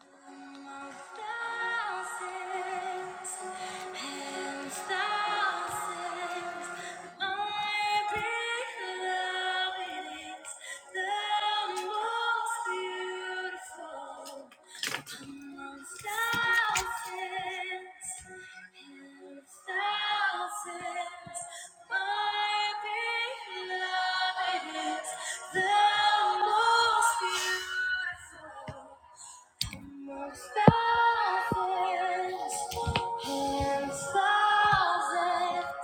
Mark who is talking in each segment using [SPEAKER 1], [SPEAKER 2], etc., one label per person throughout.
[SPEAKER 1] Thousands, my beloved is the most beautiful. Amongst thousands and thousands,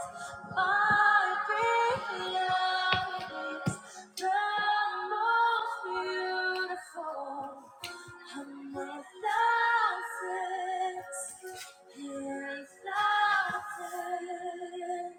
[SPEAKER 1] my beloved is the most beautiful. Among thousands and thousands.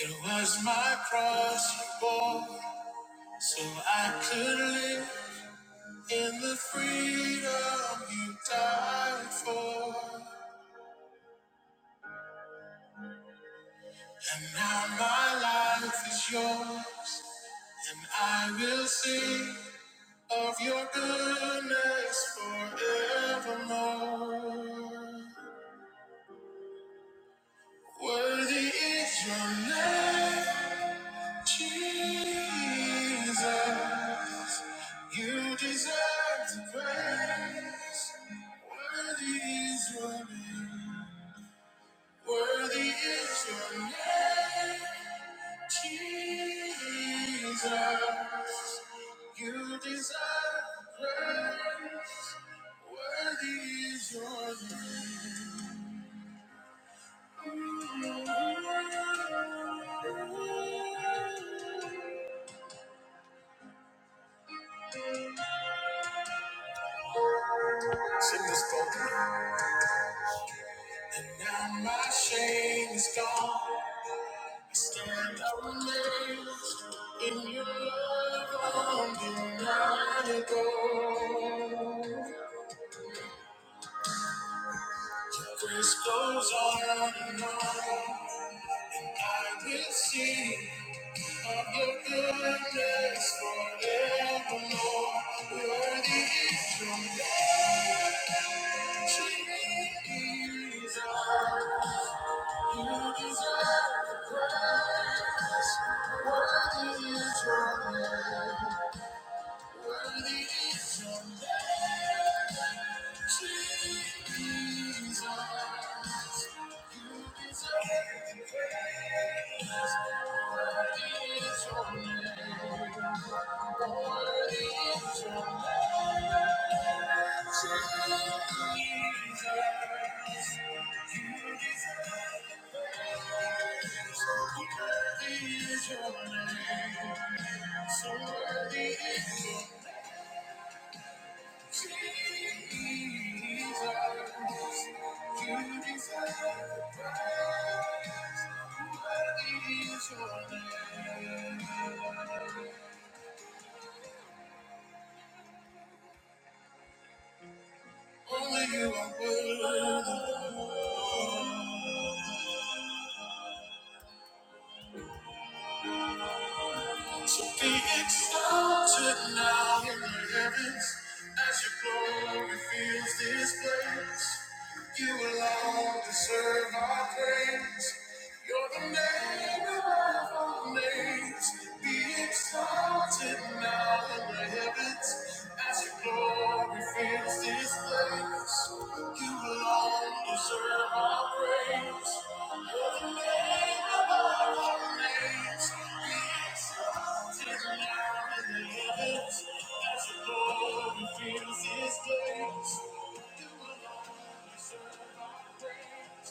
[SPEAKER 1] It was my cross you bore so I could live. In the freedom you died for, and now my life is yours, and I will sing of your goodness forevermore. Worthy is your name, Jesus. You deserve the praise. Worthy is your name. Worthy is your name, Jesus. You deserve praise. Worthy is your name. Sing this boldly. And now my shame is gone. I stand amazed in your love undeniable. Your grace goes on and on. I will sing of your goodness forevermore. Worthy is your name, Jesus. You deserve the praise. Worthy is your name. Worthy is your name, Jesus. You deserve the praise. Worthy is your name. Worthy is your name, Jesus. You deserve the praise. Worthy is your name. So worthy is your name. Only you are worthy. So be exalted now in the heavens as your glory fills this place. You alone deserve our praise. You're the name above all names. Be exalted now in the heavens as your glory and fills This place, you alone deserve our praise. You're the name above all names. Be exalted now in the heavens, as the glory fills this place. You alone deserve our praise.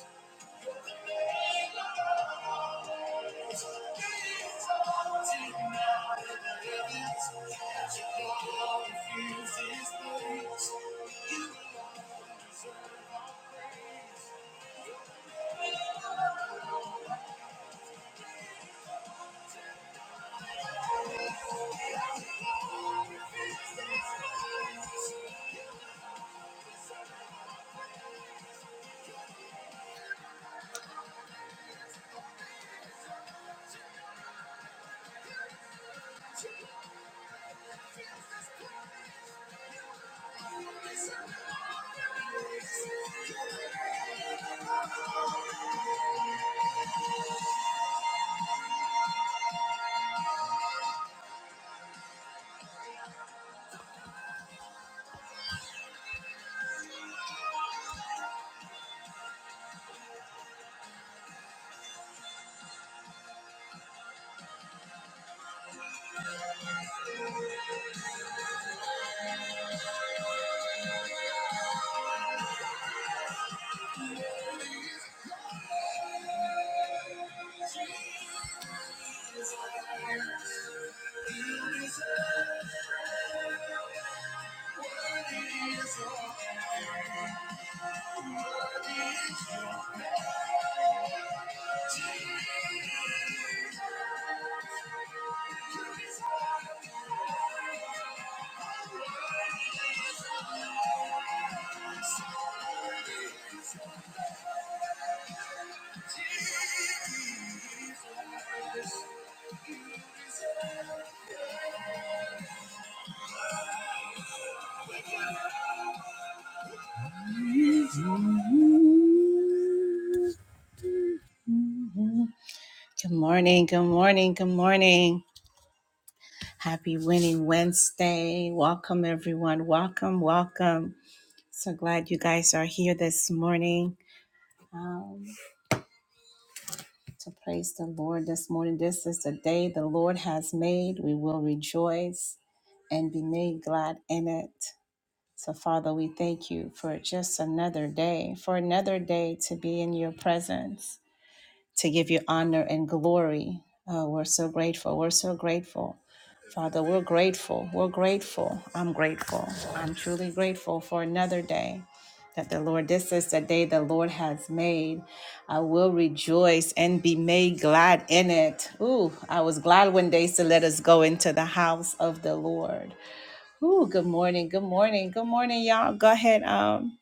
[SPEAKER 1] Good morning, good morning, good morning. Happy Winning Wednesday. Welcome, everyone. Welcome, welcome. So glad you guys are here this morning um, to praise the Lord this morning. This is the day the Lord has made. We will rejoice and be made glad in it. So, Father, we thank you for just another day, for another day to be in your presence. to give you honor and glory. Uh, we're so grateful. We're so grateful. Father, we're grateful. We're grateful. I'm grateful. I'm truly grateful for another day that the Lord, this is the day the Lord has made. I will rejoice and be made glad in it. Ooh, I was glad when they said, let us go into the house of the Lord. Ooh, good morning. Good morning. Good morning, y'all. Go ahead. Um,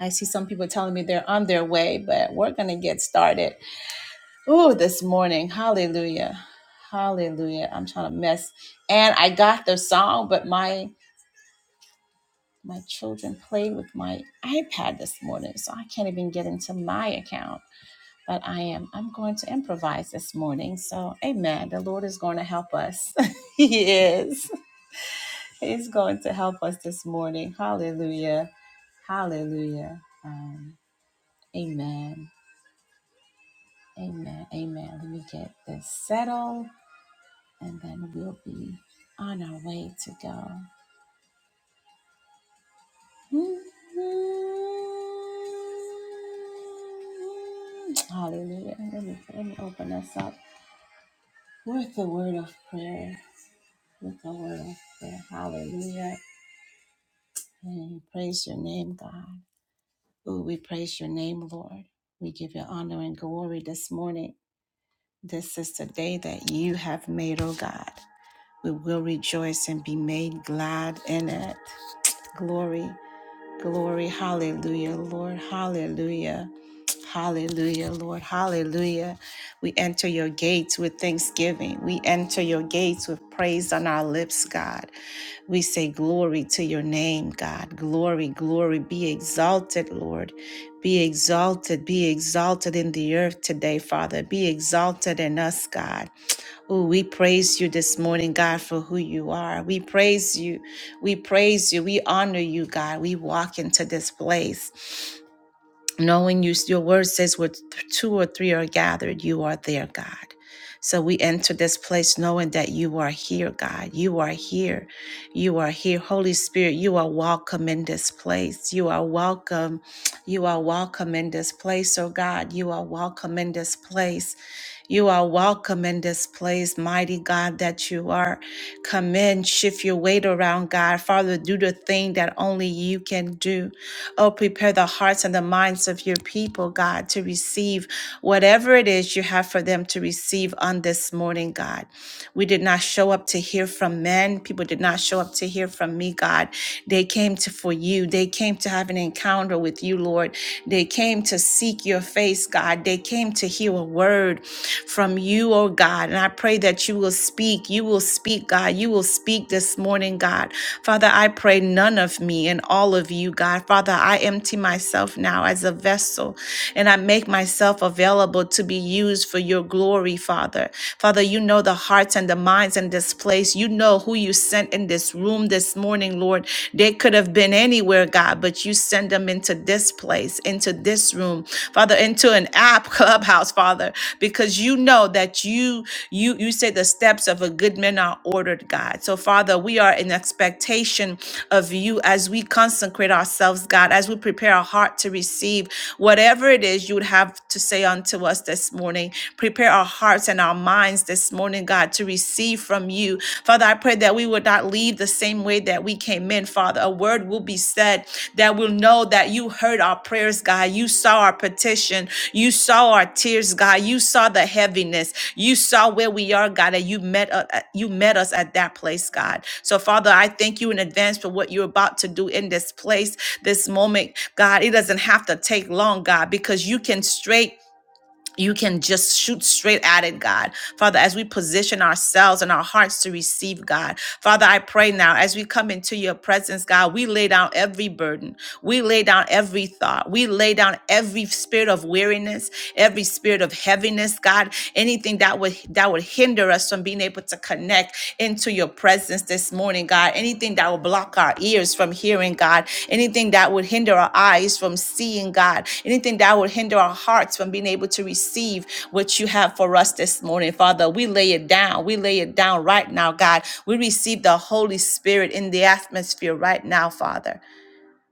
[SPEAKER 1] I see some people telling me they're on their way, but we're going to get started. Oh, this morning. Hallelujah. Hallelujah. I'm trying to mess. And I got the song, but my my children played with my iPad this morning, so I can't even get into my account. But I am I'm going to improvise this morning. So, amen. The Lord is going to help us. he is. He's going to help us this morning. Hallelujah. Hallelujah. Um, amen. Amen. Amen. Let me get this settled. and then we'll be on our way to go. Hallelujah. Let me, let me open us up with the word of prayer. With the word of prayer. Hallelujah. And we praise your name, God. Oh, we praise your name, Lord. We give you honor and glory this morning. This is the day that you have made, oh God. We will rejoice and be made glad in it. Glory. Glory, hallelujah, Lord, hallelujah. Hallelujah, Lord, hallelujah. We enter your gates with thanksgiving. We enter your gates with praise on our lips, God. We say glory to your name, God. Glory, glory. Be exalted, Lord. Be exalted, be exalted in the earth today, Father. Be exalted in us, God. Oh, we praise you this morning, God, for who you are. We praise you. We praise you. We honor you, God. We walk into this place knowing you, your word says where two or three are gathered, you are there, God. So we enter this place knowing that you are here, God. You are here. You are here. Holy Spirit, you are welcome in this place. You are welcome. You are welcome in this place, oh God. You are welcome in this place. You are welcome in this place, mighty God, that you are. Come in, shift your weight around, God. Father, do the thing that only you can do. Oh, prepare the hearts and the minds of your people, God, to receive whatever it is you have for them to receive on this morning, God. We did not show up to hear from men. People did not show up to hear from me, God. They came to for you. They came to have an encounter with you, Lord. They came to seek your face, God. They came to hear a word from you, oh God. And I pray that you will speak. You will speak, God. You will speak this morning, God. Father, I pray none of me and all of you, God. Father, I I empty myself now as a vessel and I make myself available to be used for your glory, Father. Father, you know the hearts and the minds in this place. You know who you sent in this room this morning, Lord. They could have been anywhere, God, but you send them into this place, into this room, Father, into an app clubhouse, Father, because you know that you you you say the steps of a good man are ordered, God. So Father, we are in expectation of you as we consecrate ourselves, God, as we prepare our heart to receive whatever it is you would have to say unto us this morning. Prepare our hearts and our minds this morning, God, to receive from you. Father, I pray that we would not leave the same way that we came in, Father. A word will be said that will know that you heard our prayers, God. You saw our petition. You saw our tears, God. You saw the heaviness. You saw where we are, God, and you met us, you met us at that place, God. So, Father, I thank you in advance for what you're about to do in this place, this moment, God. It doesn't have to take long, God, because you can straight you can just shoot straight at it, God. Father, as we position ourselves and our hearts to receive, God. Father, I pray now as we come into your presence, God, we lay down every burden. We lay down every thought. We lay down every spirit of weariness, every spirit of heaviness, God. Anything that would that would hinder us from being able to connect into your presence this morning, God. Anything that will that would block our ears from hearing God, anything that would hinder our eyes from seeing God, anything that would hinder our hearts from being able to receive what you have for us this morning. Father, we lay it down. We lay it down right now, God. We receive the Holy Spirit in the atmosphere right now, Father.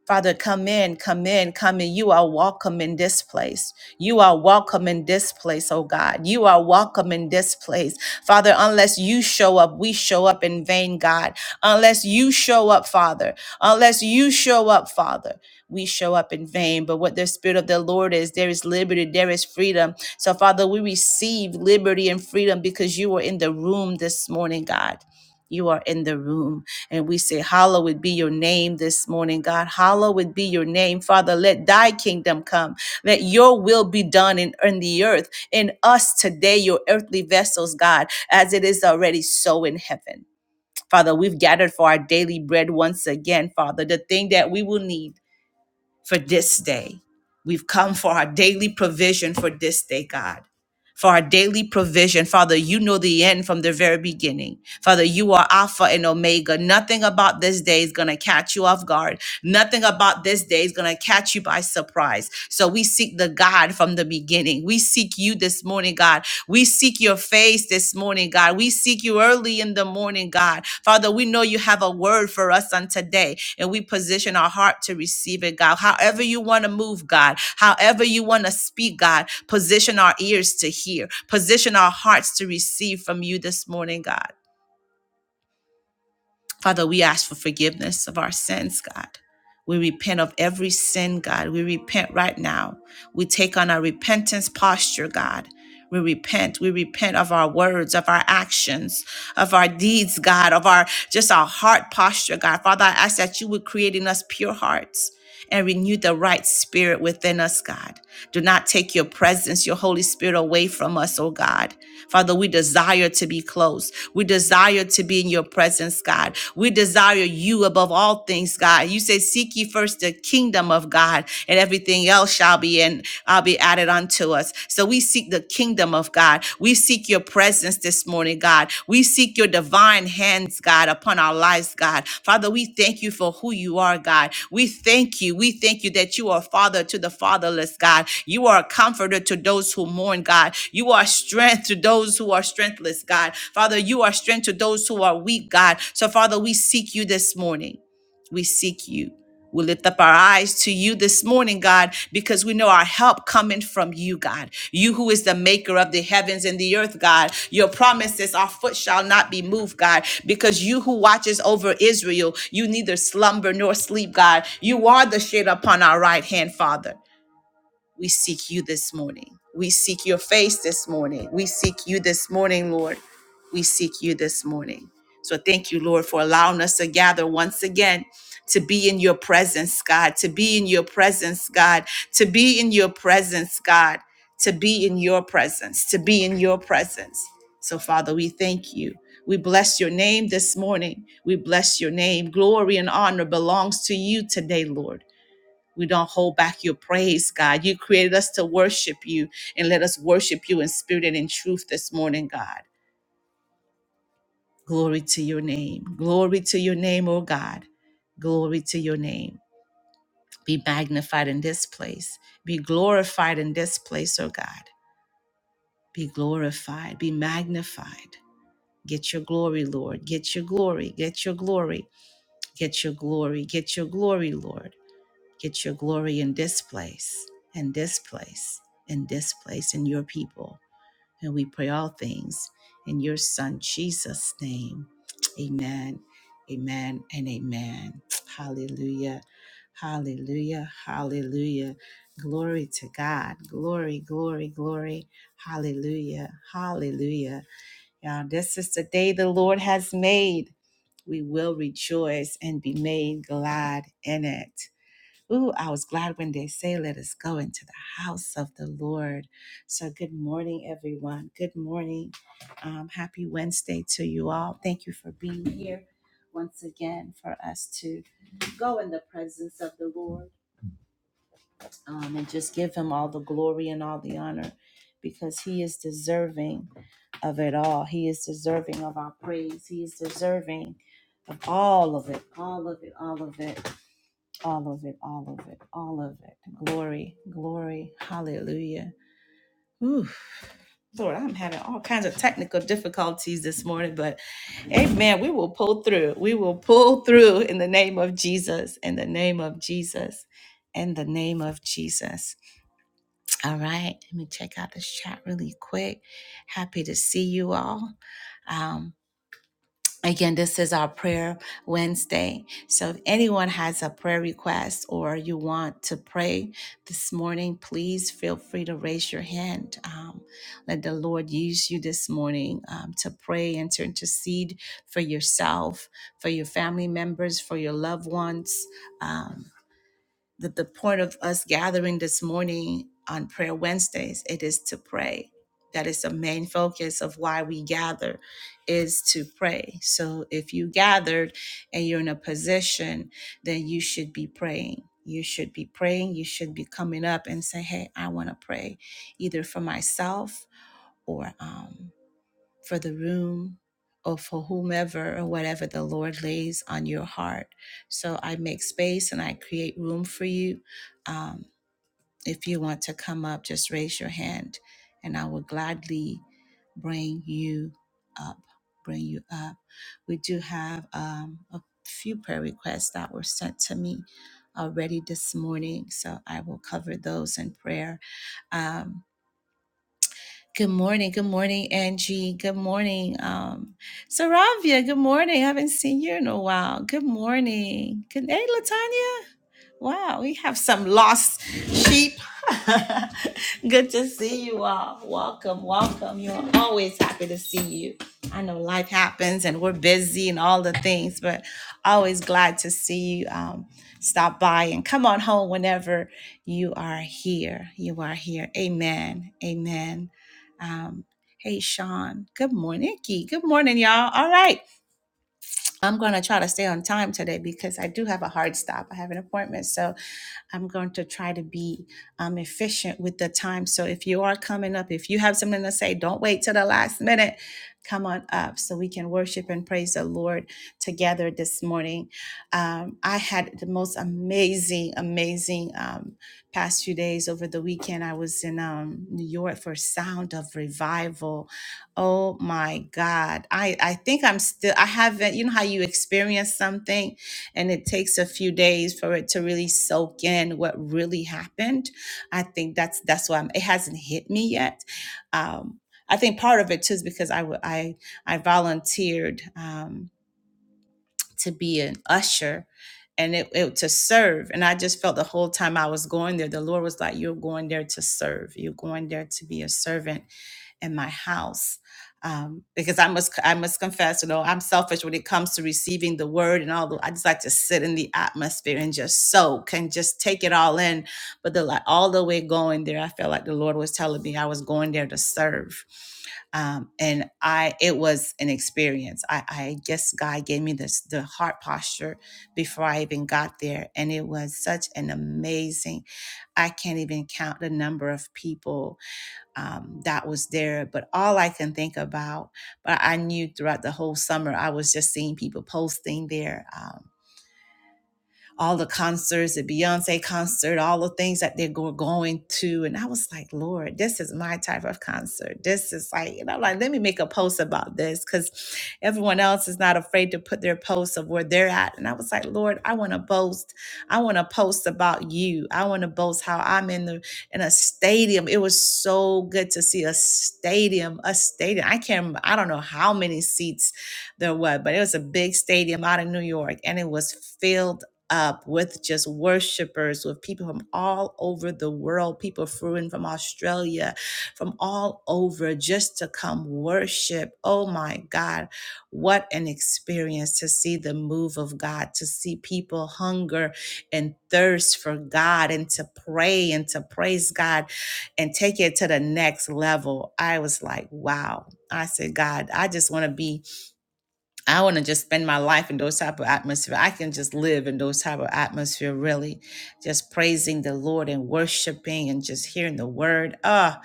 [SPEAKER 1] Father, come in, come in, come in. You are welcome in this place. You are welcome in this place, oh God. You are welcome in this place. Father, unless you show up, we show up in vain, God. Unless you show up, Father, unless you show up, Father, we show up in vain. But what the Spirit of the Lord is, there is liberty, there is freedom. So, Father, we receive liberty and freedom because you were in the room this morning, God you are in the room. And we say, Hallowed be your name this morning, God. Hallowed be your name, Father. Let thy kingdom come. Let your will be done in, in the earth, in us today, your earthly vessels, God, as it is already so in heaven. Father, we've gathered for our daily bread once again, Father, the thing that we will need for this day. We've come for our daily provision for this day, God. For our daily provision. Father, you know the end from the very beginning. Father, you are Alpha and Omega. Nothing about this day is going to catch you off guard. Nothing about this day is going to catch you by surprise. So we seek the God from the beginning. We seek you this morning, God. We seek your face this morning, God. We seek you early in the morning, God. Father, we know you have a word for us on today, and we position our heart to receive it, God. However you want to move, God. However you want to speak, God. Position our ears to hear. Position our hearts to receive from you this morning, God. Father, we ask for forgiveness of our sins, God. We repent of every sin, God. We repent right now. We take on a repentance posture, God. We repent. We repent of our words, of our actions, of our deeds, God, of our just our heart posture, God. Father, I ask that you would create in us pure hearts and renew the right spirit within us, God. Do not take your presence, your Holy Spirit away from us, oh God. Father, we desire to be close. We desire to be in your presence, God. We desire you above all things, God. You say, Seek ye first the kingdom of God, and everything else shall be in. I'll be be added unto us. So we seek the kingdom of God. We seek your presence this morning, God. We seek your divine hands, God, upon our lives, God. Father, we thank you for who you are, God. We thank you. We thank you that you are father to the fatherless, God. You are a comforter to those who mourn, God. You are strength to those who are strengthless, God. Father, you are strength to those who are weak, God. So, Father, we seek you this morning. We seek you. We lift up our eyes to you this morning, God, because we know our help coming from you, God. You who is the maker of the heavens and the earth, God. Your promises, our foot shall not be moved, God, because you who watches over Israel, you neither slumber nor sleep, God. You are the shade upon our right hand, Father. We seek you this morning. We seek your face this morning. We seek you this morning, Lord. We seek you this morning. So thank you, Lord, for allowing us to gather once again to be in your presence, God, to be in your presence, God, to be in your presence, God, to be in your presence, to be in your presence. So, Father, we thank you. We bless your name this morning. We bless your name. Glory and honor belongs to you today, Lord. We don't hold back your praise, God. You created us to worship you and let us worship you in spirit and in truth this morning, God. Glory to your name. Glory to your name, oh God. Glory to your name. Be magnified in this place. Be glorified in this place, oh God. Be glorified. Be magnified. Get your glory, Lord. Get your glory. Get your glory. Get your glory. Get your glory, Lord. Get your glory in this place, and this place, and this place, and your people. And we pray all things in your Son, Jesus' name. Amen, amen, and amen. Hallelujah, hallelujah, hallelujah. Glory to God. Glory, glory, glory. Hallelujah, hallelujah. Y'all, this is the day the Lord has made. We will rejoice and be made glad in it. Ooh, I was glad when they say, Let us go into the house of the Lord. So, good morning, everyone. Good morning. Um, happy Wednesday to you all. Thank you for being here once again for us to go in the presence of the Lord um, and just give Him all the glory and all the honor because He is deserving of it all. He is deserving of our praise. He is deserving of all of it, all of it, all of it all of it, all of it, all of it. Glory, glory, hallelujah. Oof. Lord, I'm having all kinds of technical difficulties this morning, but amen. We will pull through. We will pull through in the name of Jesus, in the name of Jesus, in the name of Jesus. All right, let me check out this chat really quick. Happy to see you all. Um, Again, this is our prayer Wednesday. So if anyone has a prayer request or you want to pray this morning, please feel free to raise your hand. Um, let the Lord use you this morning um, to pray and to intercede for yourself, for your family members, for your loved ones. Um, the, the point of us gathering this morning on prayer wednesdays it is to pray that is the main focus of why we gather is to pray so if you gathered and you're in a position then you should be praying you should be praying you should be coming up and say hey i want to pray either for myself or um, for the room or for whomever or whatever the Lord lays on your heart. So I make space and I create room for you. Um, if you want to come up, just raise your hand and I will gladly bring you up. Bring you up. We do have um, a few prayer requests that were sent to me already this morning. So I will cover those in prayer. Um, Good morning. Good morning, Angie. Good morning, um, Saravia. Good morning. I haven't seen you in a while. Good morning. Good day, Latanya. Wow, we have some lost sheep. Good to see you all. Welcome, welcome. You're always happy to see you. I know life happens and we're busy and all the things, but always glad to see you um, stop by and come on home whenever you are here. You are here. Amen. Amen. Um, hey, Sean. Good morning, Nikki. Good morning, y'all. All right. I'm going to try to stay on time today because I do have a hard stop. I have an appointment. So I'm going to try to be um, efficient with the time. So if you are coming up, if you have something to say, don't wait till the last minute. Come on up so we can worship and praise the Lord together this morning. Um, I had the most amazing, amazing um, past few days over the weekend. I was in um, New York for Sound of Revival. Oh my God. I, I think I'm still, I haven't, you know how you experience something and it takes a few days for it to really soak in what really happened i think that's that's why I'm, it hasn't hit me yet um, i think part of it too is because i w- i i volunteered um, to be an usher and it, it to serve and i just felt the whole time i was going there the lord was like you're going there to serve you're going there to be a servant in my house um, because I must I must confess, you know, I'm selfish when it comes to receiving the word and all. The, I just like to sit in the atmosphere and just soak and just take it all in. But the like all the way going there, I felt like the Lord was telling me I was going there to serve, um, and I it was an experience. I, I guess God gave me this the heart posture before I even got there, and it was such an amazing. I can't even count the number of people um, that was there. But all I can think about, but I knew throughout the whole summer, I was just seeing people posting there. um, all the concerts, the Beyonce concert, all the things that they were going to. And I was like, Lord, this is my type of concert. This is like, and I'm like, let me make a post about this because everyone else is not afraid to put their posts of where they're at. And I was like, Lord, I want to boast. I want to post about you. I want to boast how I'm in the in a stadium. It was so good to see a stadium, a stadium. I can't remember, I don't know how many seats there were, but it was a big stadium out in New York and it was filled up with just worshipers, with people from all over the world, people flew in from Australia, from all over just to come worship. Oh my God, what an experience to see the move of God, to see people hunger and thirst for God and to pray and to praise God and take it to the next level. I was like, wow. I said, God, I just want to be I want to just spend my life in those type of atmosphere. I can just live in those type of atmosphere, really, just praising the Lord and worshiping and just hearing the word. Ah,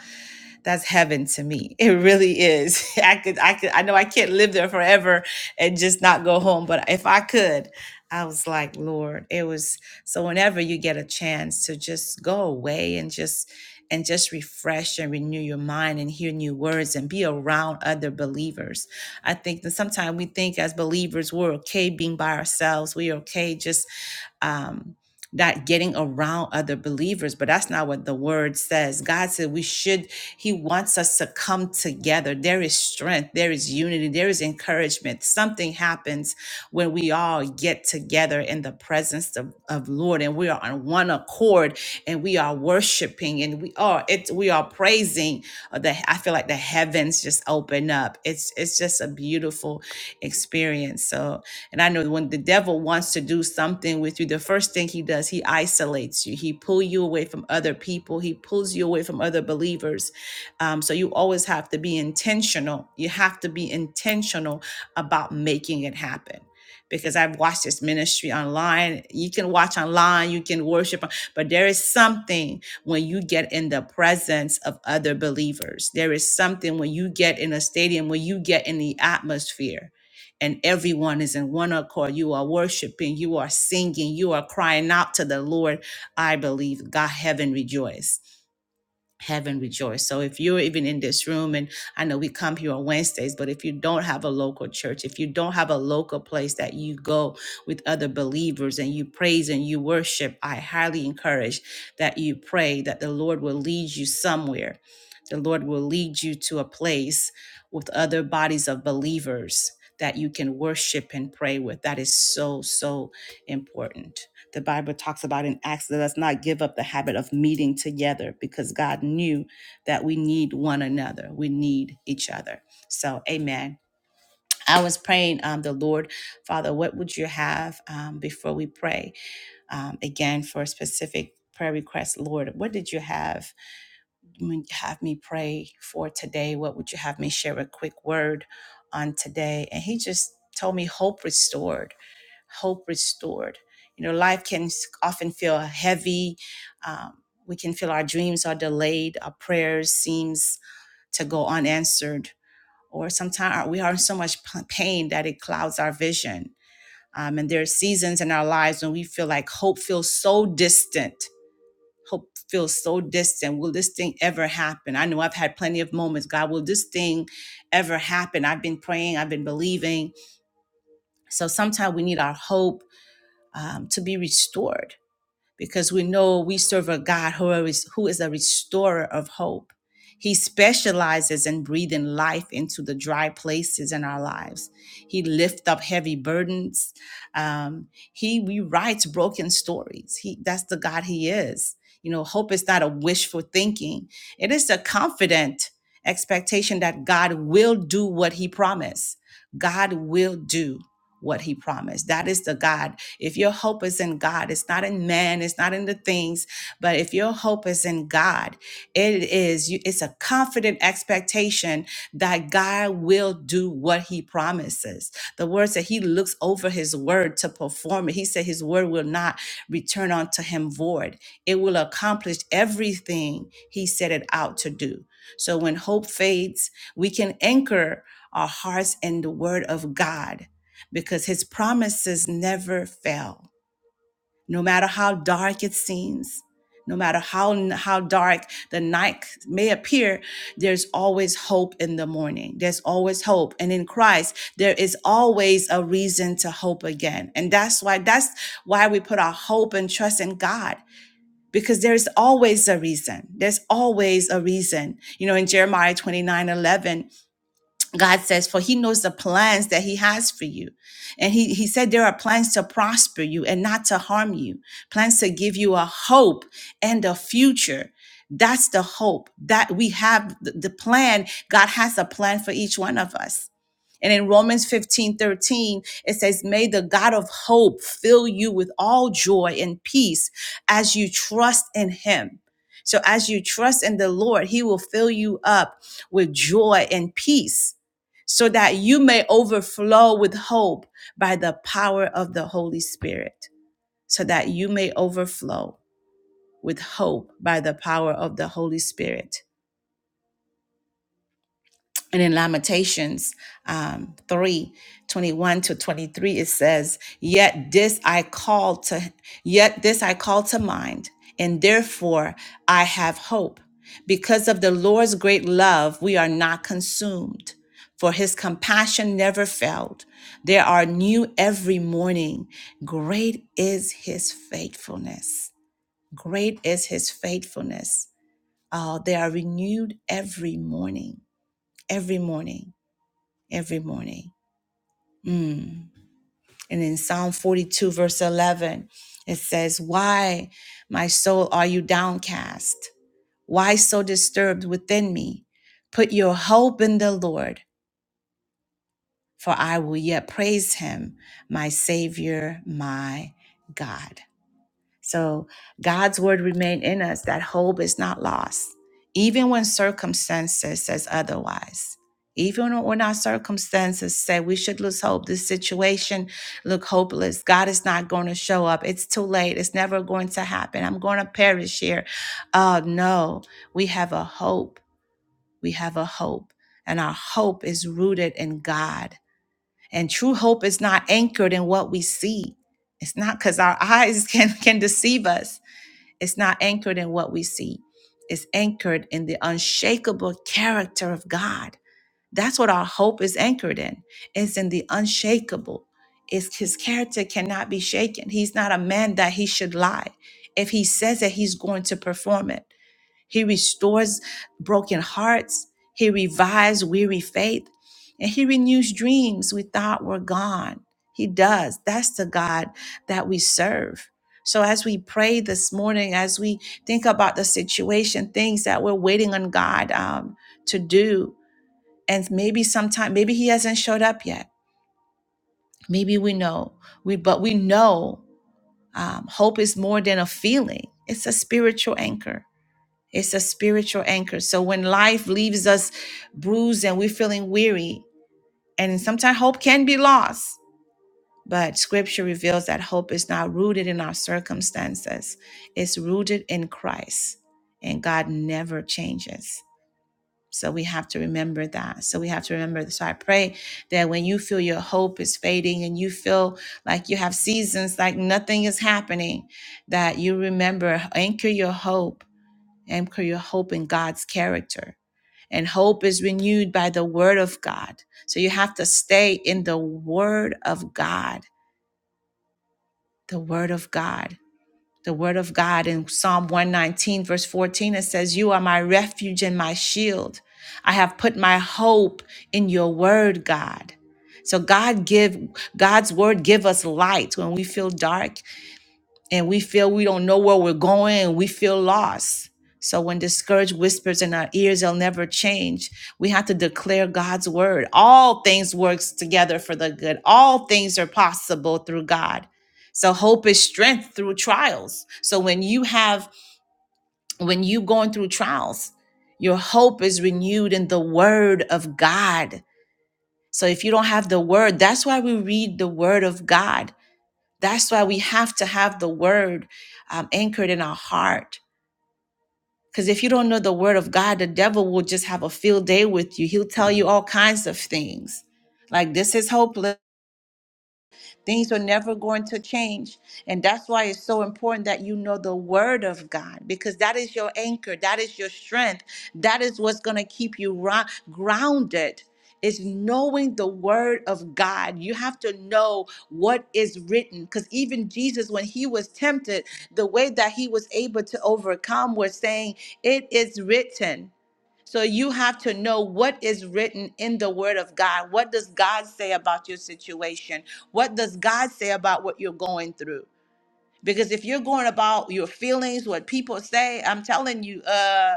[SPEAKER 1] that's heaven to me. It really is. I could, I could, I know I can't live there forever and just not go home, but if I could, I was like, Lord, it was. So whenever you get a chance to just go away and just and just refresh and renew your mind and hear new words and be around other believers I think that sometimes we think as believers we're okay being by ourselves. We're okay just um, not getting around other believers, but that's not what the word says. God said we should, He wants us to come together. There is strength, there is unity, there is encouragement. Something happens when we all get together in the presence of, of Lord and we are on one accord and we are worshiping and we are it we are praising uh, the I feel like the heavens just open up. It's it's just a beautiful experience. So, and I know when the devil wants to do something with you, the first thing he does, he isolates you. He pull you away from other people. He pulls you away from other believers. Um, so you always have to be intentional. You have to be intentional about making it happen. Because I've watched this ministry online. You can watch online, you can worship, but there is something when you get in the presence of other believers. There is something when you get in a stadium, when you get in the atmosphere and everyone is in one accord. You are worshiping, you are singing, you are crying out to the Lord. I believe God, heaven rejoice heaven rejoice. So if you're even in this room, and I know we come here on Wednesdays, but if you don't have a local church, if you don't have a local place that you go with other believers and you praise and you worship, I highly encourage that you pray that the Lord will lead you somewhere. The Lord will lead you to a place with other bodies of believers that you can worship and pray with. That is so, so important the Bible talks about in Acts, let us not give up the habit of meeting together because God knew that we need one another. We need each other. So, amen. I was praying, um, the Lord, Father, what would you have um, before we pray? Um, again, for a specific prayer request, Lord, what did you have? would you have me pray for today? What would you have me share a quick word on today? And he just told me, Hope restored, hope restored. You know, life can s- often feel heavy. Um, we can feel our dreams are delayed, our prayers seems to go unanswered, or sometimes we are in so much p- pain that it clouds our vision. Um, and there are seasons in our lives when we feel like hope feels so distant hope feels so distant. Will this thing ever happen? I know I've had plenty of moments. God, will this thing ever happen? I've been praying, I've been believing. So sometimes we need our hope um, to be restored because we know we serve a God who is, who is a restorer of hope. He specializes in breathing life into the dry places in our lives. He lifts up heavy burdens. Um, he rewrites broken stories. He, that's the God He is. You know, hope is not a wishful thinking, it is a confident expectation that God will do what He promised. God will do what He promised. That is the God if your hope is in God, it's not in man, it's not in the things, but if your hope is in God, it is it's a confident expectation that God will do what he promises. The word said he looks over his word to perform it. He said his word will not return unto him void. It will accomplish everything he set it out to do. So when hope fades, we can anchor our hearts in the word of God because his promises never fail. No matter how dark it seems, no matter how, how dark the night may appear, there's always hope in the morning. There's always hope. And in Christ, there is always a reason to hope again. And that's why, that's why we put our hope and trust in God. Because there's always a reason. There's always a reason. You know, in Jeremiah 29 11. God says, for he knows the plans that he has for you. And he, he said, there are plans to prosper you and not to harm you, plans to give you a hope and a future. That's the hope that we have, the the plan. God has a plan for each one of us. And in Romans 15 13 it says, May the God of hope fill you with all joy and peace as you trust in him. So, as you trust in the Lord, he will fill you up with joy and peace so that you may overflow with hope by the power of the Holy Spirit. So that you may overflow with hope by the power of the Holy Spirit. And in Lamentations um, 3 twenty-one to 23, it says, Yet this I call to, yet this I call to mind, and therefore I have hope. Because of the Lord's great love, we are not consumed, for his compassion never failed. There are new every morning. Great is his faithfulness. Great is his faithfulness. Uh, they are renewed every morning, every morning every morning. Mm. And in Psalm 42, verse 11, it says, Why, my soul, are you downcast? Why so disturbed within me? Put your hope in the Lord, for I will yet praise him, my Savior, my God. So God's word remained in us that hope is not lost, even when circumstances says otherwise. Even when our circumstances say we should lose hope, this situation look hopeless. God is not going to show up. It's too late. It's never going to happen. I'm going to perish here. Uh, no, we have a hope. We have a hope, and our hope is rooted in God. And true hope is not anchored in what we see. It's not because our eyes can can deceive us it's not anchored in what we see, it's anchored in the unshakable character of God. That's what our hope is anchored in. It's in the unshakable. It's his character cannot be shaken. He's not a man that he should lie. If he says it, he's going to perform it. He restores broken hearts. He revives weary faith. And he renews dreams we thought were gone. He does. That's the God that we serve. So as we pray this morning, as we think about the situation, things that we're waiting on God um, to do, and maybe sometime, maybe He hasn't showed up yet. Maybe we know we, but we know um, hope is more than a feeling. It's a spiritual anchor it's a spiritual anchor. So when life leaves us bruised and we're feeling weary, and sometimes hope can be lost, but scripture reveals that hope is not rooted in our circumstances, it's rooted in Christ, and God never changes. So we have to remember that. So we have to remember. So I pray that when you feel your hope is fading and you feel like you have seasons like nothing is happening, that you remember, anchor your hope Anchor your hope in God's character. And hope is renewed by the word of God. So you have to stay in the word of God, the word of God, the word of God. In Psalm 119, verse 14, it says, You are my refuge and my shield. I have put my hope in your word, God. So God give God's word give us light when we feel dark and we feel we don't know where we're going and we feel lost. So when discouraged whispers in our ears, they'll never change. We have to declare God's word. All things works together for the good. All things are possible through God. So hope is strength through trials. So when you have when you going through trials, your hope is renewed in the word of God. So if you don't have the word, that's why we read the word of God that's why we have to have the word um, anchored in our heart. Because if you don't know the word of God, the devil will just have a field day with you. He'll tell you all kinds of things like, this is hopeless. Things are never going to change. And that's why it's so important that you know the word of God because that is your anchor, that is your strength, that is what's going to keep you ro- grounded. Is knowing the word of God. You have to know what is written. Because even Jesus, when he was tempted, the way that he was able to overcome was saying, It is written. So you have to know what is written in the word of God. What does God say about your situation? What does God say about what you're going through? Because if you're going about your feelings, what people say, I'm telling you, uh,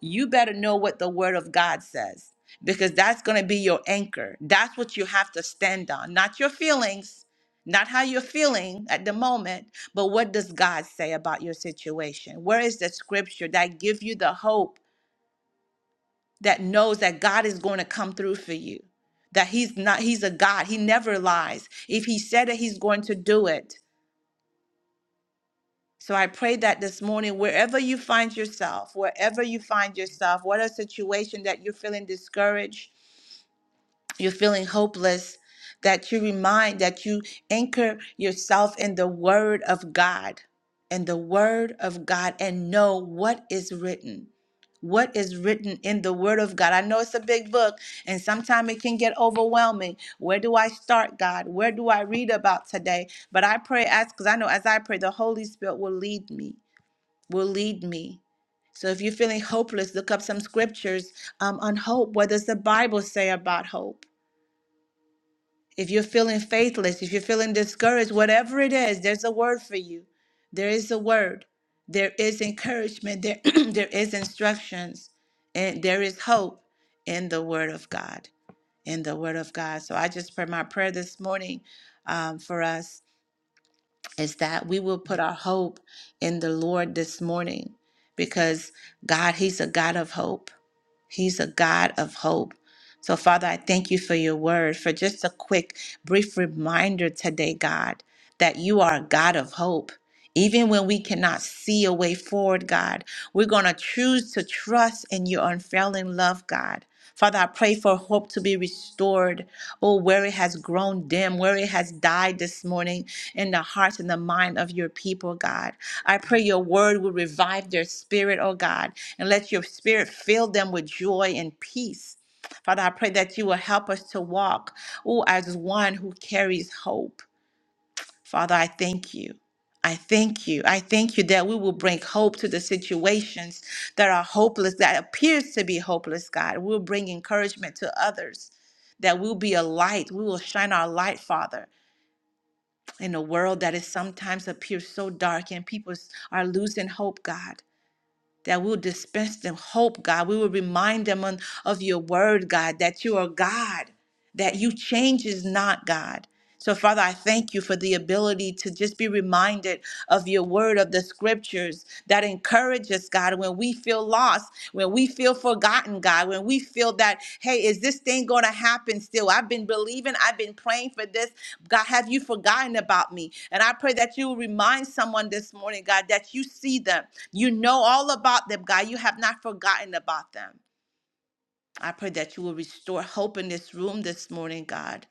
[SPEAKER 1] you better know what the word of God says. Because that's going to be your anchor. That's what you have to stand on, not your feelings, not how you're feeling at the moment, but what does God say about your situation? Where is the scripture that gives you the hope that knows that God is going to come through for you. That he's not he's a God. He never lies. If he said it, he's going to do it. So I pray that this morning wherever you find yourself, wherever you find yourself, what a situation that you're feeling discouraged, you're feeling hopeless, that you remind, that you anchor yourself in the Word of God, in the Word of God, and know what is written. What is written in the Word of God? I know it's a big book, and sometimes it can get overwhelming. Where do I start, God? Where do I read about today? But I pray, as because I know as I pray, the Holy Spirit will lead me, will lead me. So if you're feeling hopeless, look up some scriptures um, on hope. What does the Bible say about hope? If you're feeling faithless, if you're feeling discouraged, whatever it is, there's a word for you. There is a word. There is encouragement. There, there is instructions. And there is hope in the word of God. In the word of God. So I just pray my prayer this morning um, for us is that we will put our hope in the Lord this morning because God, He's a God of hope. He's a God of hope. So, Father, I thank you for your word, for just a quick, brief reminder today, God, that you are a God of hope. Even when we cannot see a way forward, God, we're going to choose to trust in your unfailing love, God. Father, I pray for hope to be restored, oh, where it has grown dim, where it has died this morning in the hearts and the mind of your people, God. I pray your word will revive their spirit, oh God, and let your spirit fill them with joy and peace. Father, I pray that you will help us to walk, oh, as one who carries hope. Father, I thank you. I thank you. I thank you that we will bring hope to the situations that are hopeless, that appears to be hopeless, God. We'll bring encouragement to others, that we'll be a light. We will shine our light, Father in a world that is sometimes appears so dark and people s- are losing hope, God. That we'll dispense them hope, God. We will remind them on, of your word, God, that you are God, that you changes not, God. So, Father, I thank you for the ability to just be reminded of your word, of the scriptures that encourage us, God, when we feel lost, when we feel forgotten, God, when we feel that, hey, is this thing going to happen still? I've been believing, I've been praying for this. God, have you forgotten about me? And I pray that you will remind someone this morning, God, that you see them. You know all about them, God. You have not forgotten about them. I pray that you will restore hope in this room this morning, God.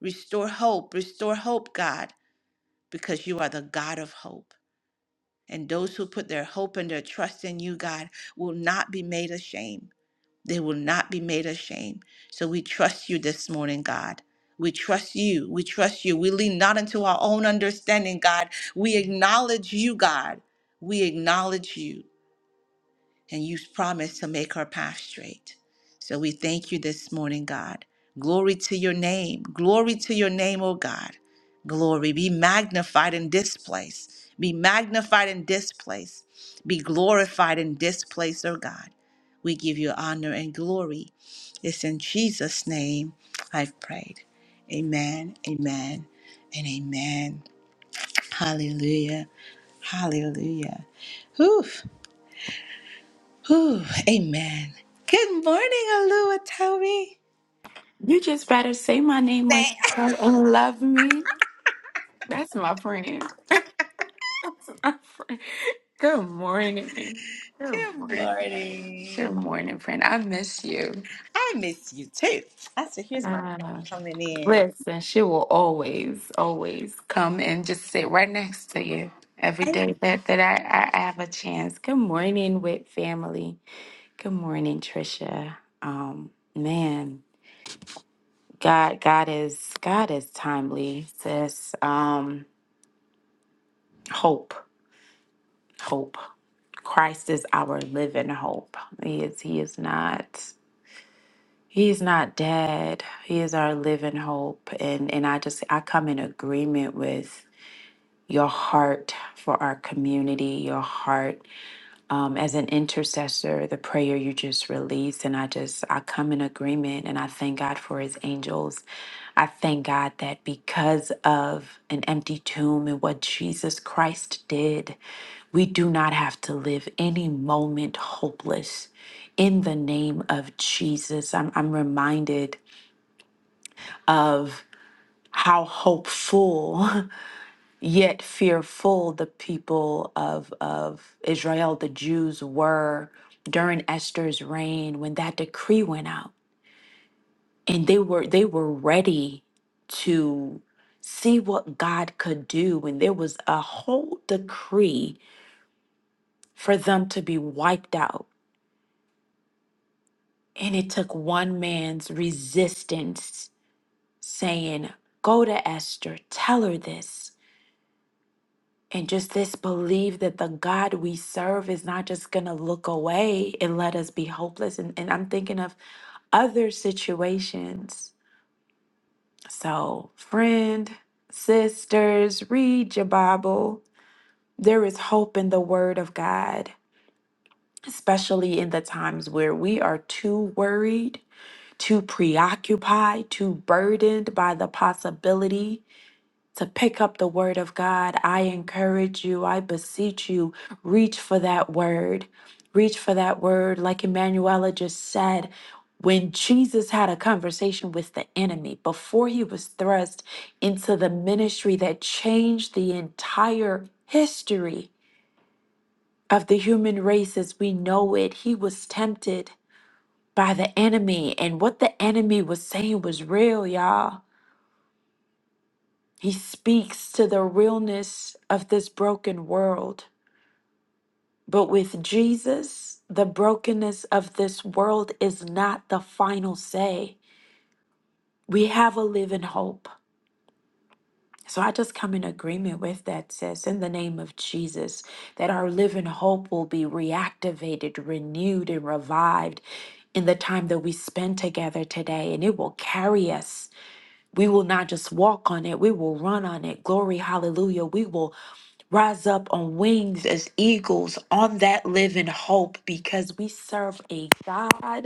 [SPEAKER 1] Restore hope, restore hope, God, because you are the God of hope. And those who put their hope and their trust in you, God, will not be made ashamed. They will not be made ashamed. So we trust you this morning, God. We trust you. We trust you. We lean not into our own understanding, God. We acknowledge you, God. We acknowledge you and you promised to make our path straight. So we thank you this morning, God. Glory to your name. Glory to your name, O God. Glory. Be magnified in this place. Be magnified in this place. Be glorified in this place, O God. We give you honor and glory. It's in Jesus' name I've prayed. Amen, amen, and amen. Hallelujah, hallelujah. Whew. Whew, amen. Good morning, Alua Toby.
[SPEAKER 2] You just better say my name like
[SPEAKER 1] Thank
[SPEAKER 2] you know and love me. That's my friend. That's my friend. Good morning. Good
[SPEAKER 1] Good
[SPEAKER 2] morning. Good
[SPEAKER 1] morning.
[SPEAKER 2] morning, friend. I miss you.
[SPEAKER 1] I miss you too. I said, here's my
[SPEAKER 2] Uh,
[SPEAKER 1] friend coming in.
[SPEAKER 2] listen, she will always, always come and just sit right next to you every day that, that I, I I have a chance. Good morning, with family. Good morning, Trisha. Um, man, God, God is God is timely, sis. Um, hope. hope. Christ is our living hope. He is he is not he is not dead. He is our living hope and and I just I come in agreement with your heart for our community, your heart um, as an intercessor, the prayer you just released. And I just, I come in agreement and I thank God for his angels. I thank God that because of an empty tomb and what Jesus Christ did, we do not have to live any moment hopeless. In the name of Jesus, I'm, I'm reminded of how hopeful Yet fearful the people of, of Israel, the Jews were during Esther's reign when that decree went out. And they were they were ready to see what God could do when there was a whole decree for them to be wiped out. And it took one man's resistance saying, Go to Esther, tell her this. And just this belief that the God we serve is not just going to look away and let us be hopeless. And, and I'm thinking of other situations. So, friend, sisters, read your Bible. There is hope in the Word of God, especially in the times where we are too worried, too preoccupied, too burdened by the possibility to pick up the word of God, I encourage you, I beseech you, reach for that word. Reach for that word. Like Emanuela just said, when Jesus had a conversation with the enemy before he was thrust into the ministry that changed the entire history of the human race as we know it, he was tempted by the enemy. And what the enemy was saying was real, y'all. He speaks to the realness of this broken world. But with Jesus, the brokenness of this world is not the final say. We have a living hope. So I just come in agreement with that, sis, in the name of Jesus, that our living hope will be reactivated, renewed, and revived in the time that we spend together today, and it will carry us. We will not just walk on it, we will run on it. Glory, hallelujah. We will rise up on wings as eagles on that living hope because we serve a God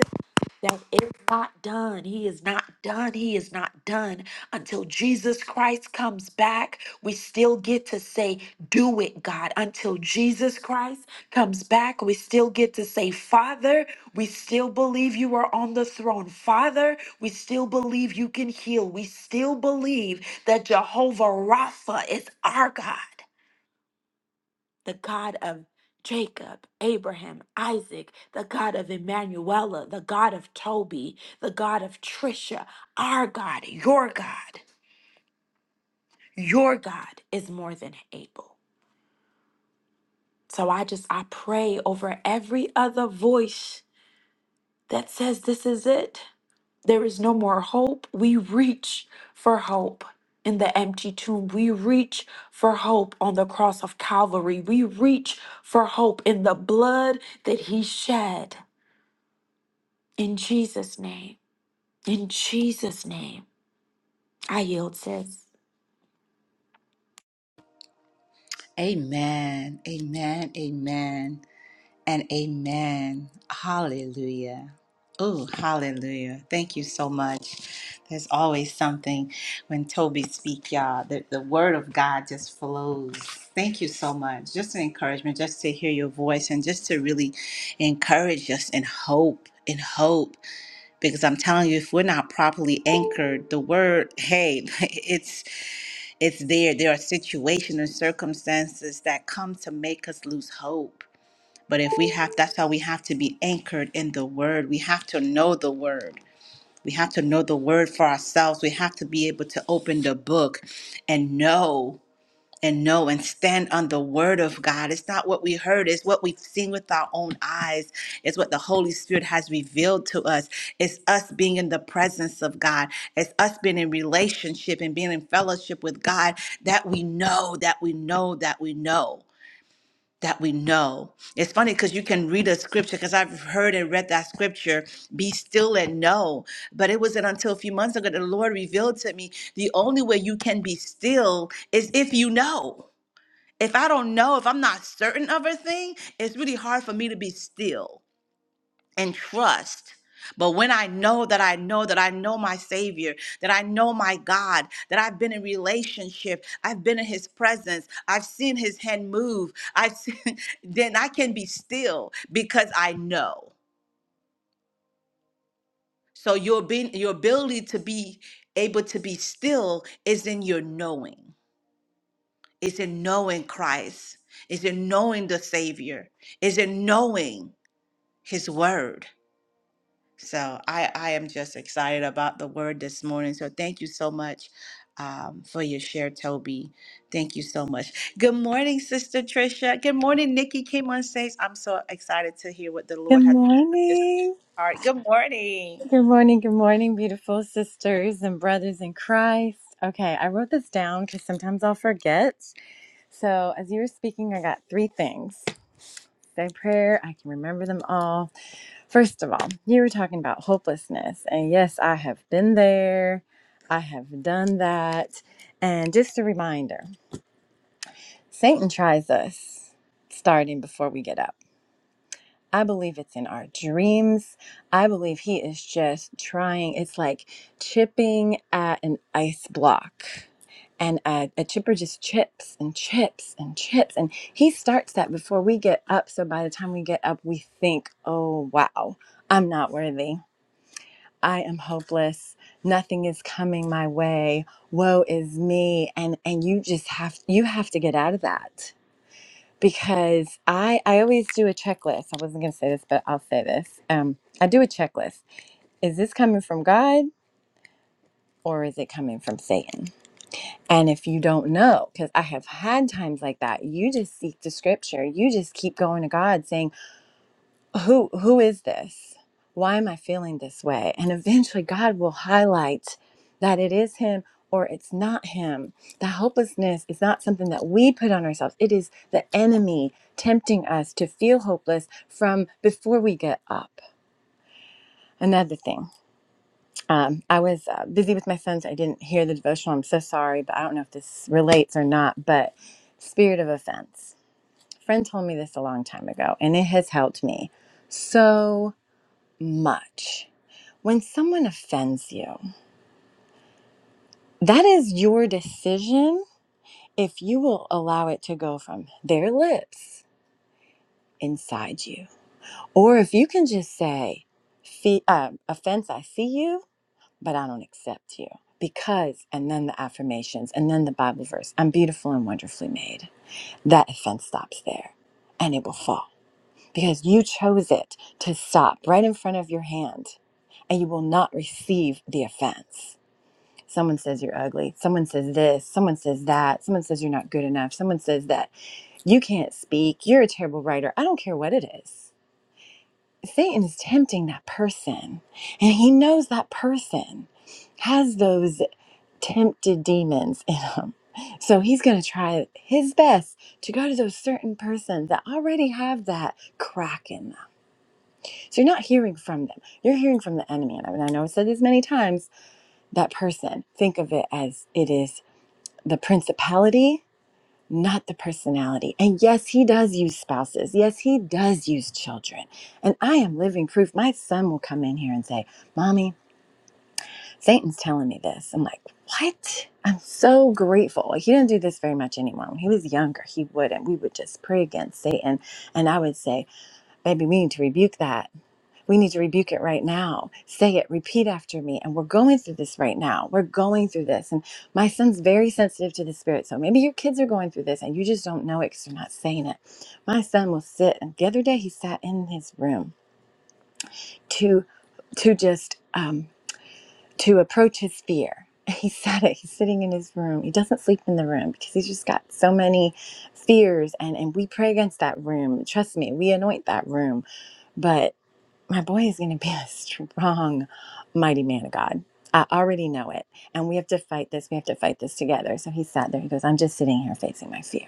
[SPEAKER 2] that is not done. He is not done. He is not done until Jesus Christ comes back. We still get to say, Do it, God. Until Jesus Christ comes back, we still get to say, Father, we still believe you are on the throne. Father, we still believe you can heal. We still believe that Jehovah Rapha is our God the God of Jacob, Abraham, Isaac, the God of Emmanuela, the God of Toby, the God of Trisha, our God, your God, your God is more than able. So I just, I pray over every other voice that says this is it. There is no more hope. We reach for hope in the empty tomb. We reach for hope on the cross of Calvary. We reach for hope in the blood that he shed In Jesus' name. In Jesus' name. I yield, sis.
[SPEAKER 1] Amen. Amen. Amen. and amen. Hallelujah. Oh, hallelujah. Thank you so much. There's always something when Toby speak, y'all. The, the word of God just flows. Thank you so much. Just an encouragement, just to hear your voice and just to really encourage us in hope, in hope. Because I'm telling you, if we're not properly anchored, the word, hey, it's it's there. There are situations and circumstances that come to make us lose hope but if we have, that's how we have to be anchored in the word. We have to know the word. We have to know the word for ourselves. We have to be able to open the book and know and know and stand on the word of God. It's not what we heard, it's what we've seen with our own eyes. It's what the Holy Spirit has revealed to us. It's us being in the presence of God. It's us being in relationship and being in fellowship with God that we know, that we know, that we know that we know. It's funny because you can read a scripture because I've heard and read that scripture, be still and know. But it wasn't until a few months ago the Lord revealed to me the only way you can be still is if you know. If I don't know, if I'm not certain of a thing, it's really hard for me to be still and trust. But when I know that I know that I know my Savior, that I know my God, that I've been in relationship, I've been in His presence, I've seen His hand move, I've seen, then I can be still because I know. So your being, your ability to be able to be still is in your knowing. It's in knowing Christ. It's in knowing the Savior. It's in knowing His Word So I, I am just excited about the word this morning. So thank you so much um, for your share, Toby. Thank you so much. Good morning, Sister Trisha. Good morning, Nikki came on stage. I'm so excited to hear what the
[SPEAKER 3] Good
[SPEAKER 1] Lord has in his
[SPEAKER 3] morning.
[SPEAKER 1] heart. Good morning.
[SPEAKER 3] Good morning. Good morning, beautiful sisters and brothers in Christ. Okay, I wrote this down because sometimes I'll forget. So, as you were speaking, I got three things. Say prayer, I can remember them all. First of all, you were talking about hopelessness. And yes, I have been there, I have done that. And just a reminder Satan tries us starting before we get up. I believe it's in our dreams. I believe he is just trying. It's like chipping at an ice block, and a, a chipper just chips and chips and chips. And he starts that before we get up. So by the time we get up, we think, oh, wow, I'm not worthy. I am hopeless. Nothing is coming my way. Woe is me. And and you just have you have to get out of that because I I always do a checklist. I wasn't going to say this, but I'll say this. Um, I do a checklist. Is this coming from God or is it coming from Satan? And if you don't know, because I have had times like that, you just seek the scripture. You just keep going to God saying, who who is this why am i feeling this way and eventually god will highlight that it is him or it's not him the hopelessness is not something that we put on ourselves it is the enemy tempting us to feel hopeless from before we get up another thing um, i was uh, busy with my sons i didn't hear the devotional i'm so sorry but i don't know if this relates or not but spirit of offense A friend told me this a long time ago and it has helped me so much When someone offends you, that is your decision if you will allow it to go from their lips inside you. Or if you can just say, "Fe- uh, offense, I see you, but I don't accept you. Because, and then the affirmations, and then the Bible verse, I'm beautiful and wonderfully made. That offense stops there and it will fall because you chose it to stop right in front of your hand and you will not receive the offense. Someone says you're ugly. Someone says this. Someone says that. Someone says you're not good enough. Someone says that you can't speak. You're a terrible writer. I don't care what it is. Satan is tempting that person, and he knows that person has those tempted demons in him. So he's going to try his best to go to those certain persons that already have that crack in them. So you're not hearing from them. You're hearing from the enemy. And I, mean, I know I've said this many times that person, think of it as it is the principality, not the personality. And yes, he does use spouses. Yes, he does use children. And I am living proof. My son will come in here and say, Mommy, Satan's telling me this. I'm like, What? I'm so grateful. Like, he didn't do this very much anymore. When he was younger, he would, and we would just pray against Satan. And I would say, Baby, we need to rebuke that. We need to rebuke it right now. Say it, repeat after me. And we're going through this right now. We're going through this. And my son's very sensitive to the spirit. So maybe your kids are going through this and you just don't know it because you're not saying it. My son will sit. And the other day he sat in his room to, to just, um, to approach his fear. He sat it. He's sitting in his room. He doesn't sleep in the room because he's just got so many fears. And, and we pray against that room. Trust me, we anoint that room. But my boy is going to be a strong, mighty man of God. I already know it. And we have to fight this. We have to fight this together. So he sat there. He goes, I'm just sitting here facing my fear.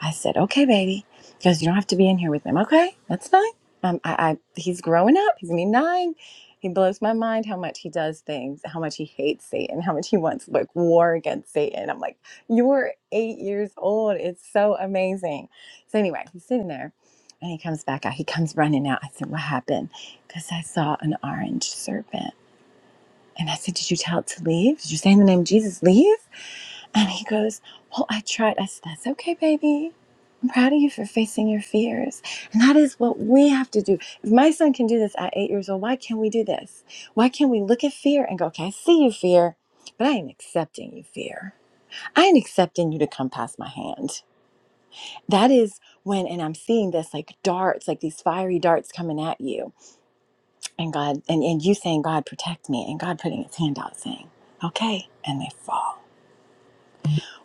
[SPEAKER 3] I said, okay, baby. He goes, you don't have to be in here with him. Okay, that's fine. Um, I, I, he's growing up. He's gonna be nine. He blows my mind how much he does things, how much he hates Satan, how much he wants like war against Satan. I'm like, you're eight years old. It's so amazing. So anyway, he's sitting there, and he comes back out. He comes running out. I said, what happened? Because I saw an orange serpent, and I said, did you tell it to leave? Did you say in the name of Jesus, leave? And he goes, Well, I tried. I said, That's okay, baby. I'm proud of you for facing your fears. And that is what we have to do. If my son can do this at eight years old, why can't we do this? Why can't we look at fear and go, Okay, I see you, fear, but I ain't accepting you, fear. I ain't accepting you to come past my hand. That is when, and I'm seeing this like darts, like these fiery darts coming at you, and God, and, and you saying, God, protect me, and God putting his hand out saying, Okay, and they fall.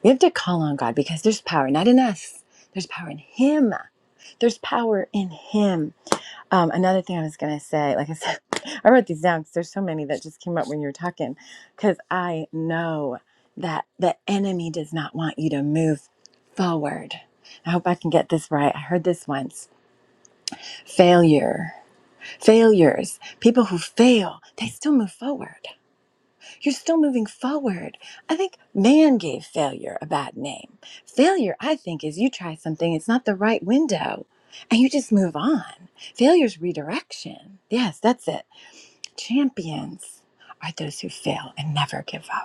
[SPEAKER 3] We have to call on God because there's power, not in us, there's power in Him. There's power in Him. Um, another thing I was going to say, like I said, I wrote these down because there's so many that just came up when you were talking, because I know that the enemy does not want you to move forward. I hope I can get this right. I heard this once. Failure. Failures. People who fail, they still move forward. You're still moving forward. I think man gave failure a bad name. Failure, I think, is you try something, it's not the right window, and you just move on. Failure's redirection. Yes, that's it. Champions are those who fail and never give up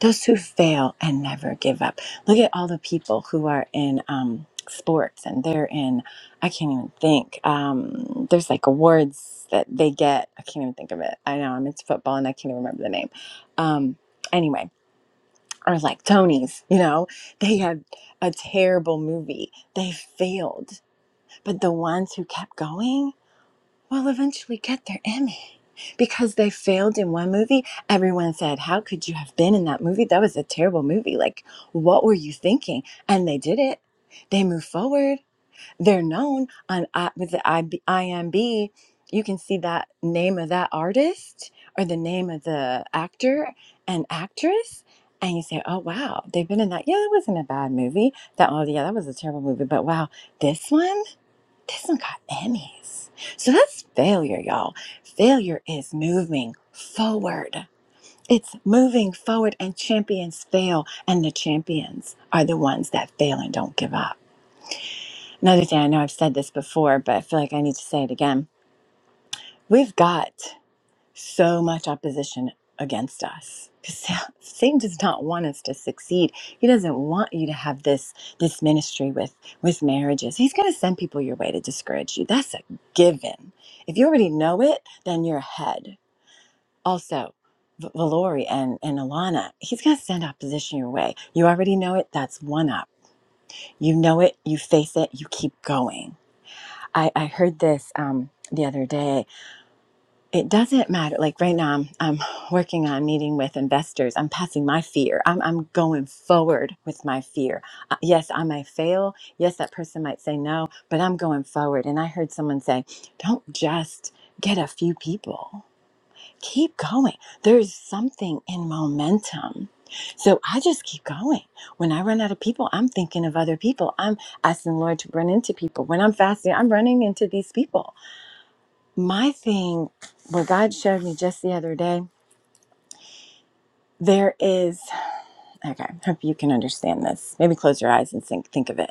[SPEAKER 3] those who fail and never give up. Look at all the people who are in um, sports and they're in, I can't even think. Um, there's like awards that they get. I can't even think of it. I know I'm into football and I can't even remember the name. Um, anyway, or like Tony's, you know, they had a terrible movie. They failed, but the ones who kept going, will eventually get their Emmy. Because they failed in one movie, everyone said, How could you have been in that movie? That was a terrible movie. Like, what were you thinking? And they did it. They move forward. They're known on I- with the IB, IMB. You can see that name of that artist or the name of the actor and actress. And you say, Oh, wow, they've been in that. Yeah, that wasn't a bad movie. That, oh, yeah, that was a terrible movie. But wow, this one? This one got Emmys. So that's failure, y'all. Failure is moving forward. It's moving forward, and champions fail, and the champions are the ones that fail and don't give up. Another thing, I know I've said this before, but I feel like I need to say it again. We've got so much opposition against us because satan does not want us to succeed he doesn't want you to have this this ministry with with marriages he's going to send people your way to discourage you that's a given if you already know it then you're ahead also V- Valori and, and Alana, he's going to send opposition your way. You already know it. That's one up. You know it. You face it. You keep going. I, I heard this um, the other day it doesn't matter. Like right now, I'm, I'm working on meeting with investors. I'm passing my fear. I'm, I'm going forward with my fear. Uh, yes, I may fail. Yes, that person might say no, but I'm going forward. And I heard someone say, don't just get a few people, keep going. There's something in momentum. So I just keep going. When I run out of people, I'm thinking of other people. I'm asking the Lord to run into people. When I'm fasting, I'm running into these people. My thing, what God showed me just the other day, there is, okay, hope you can understand this. Maybe close your eyes and think, think of it.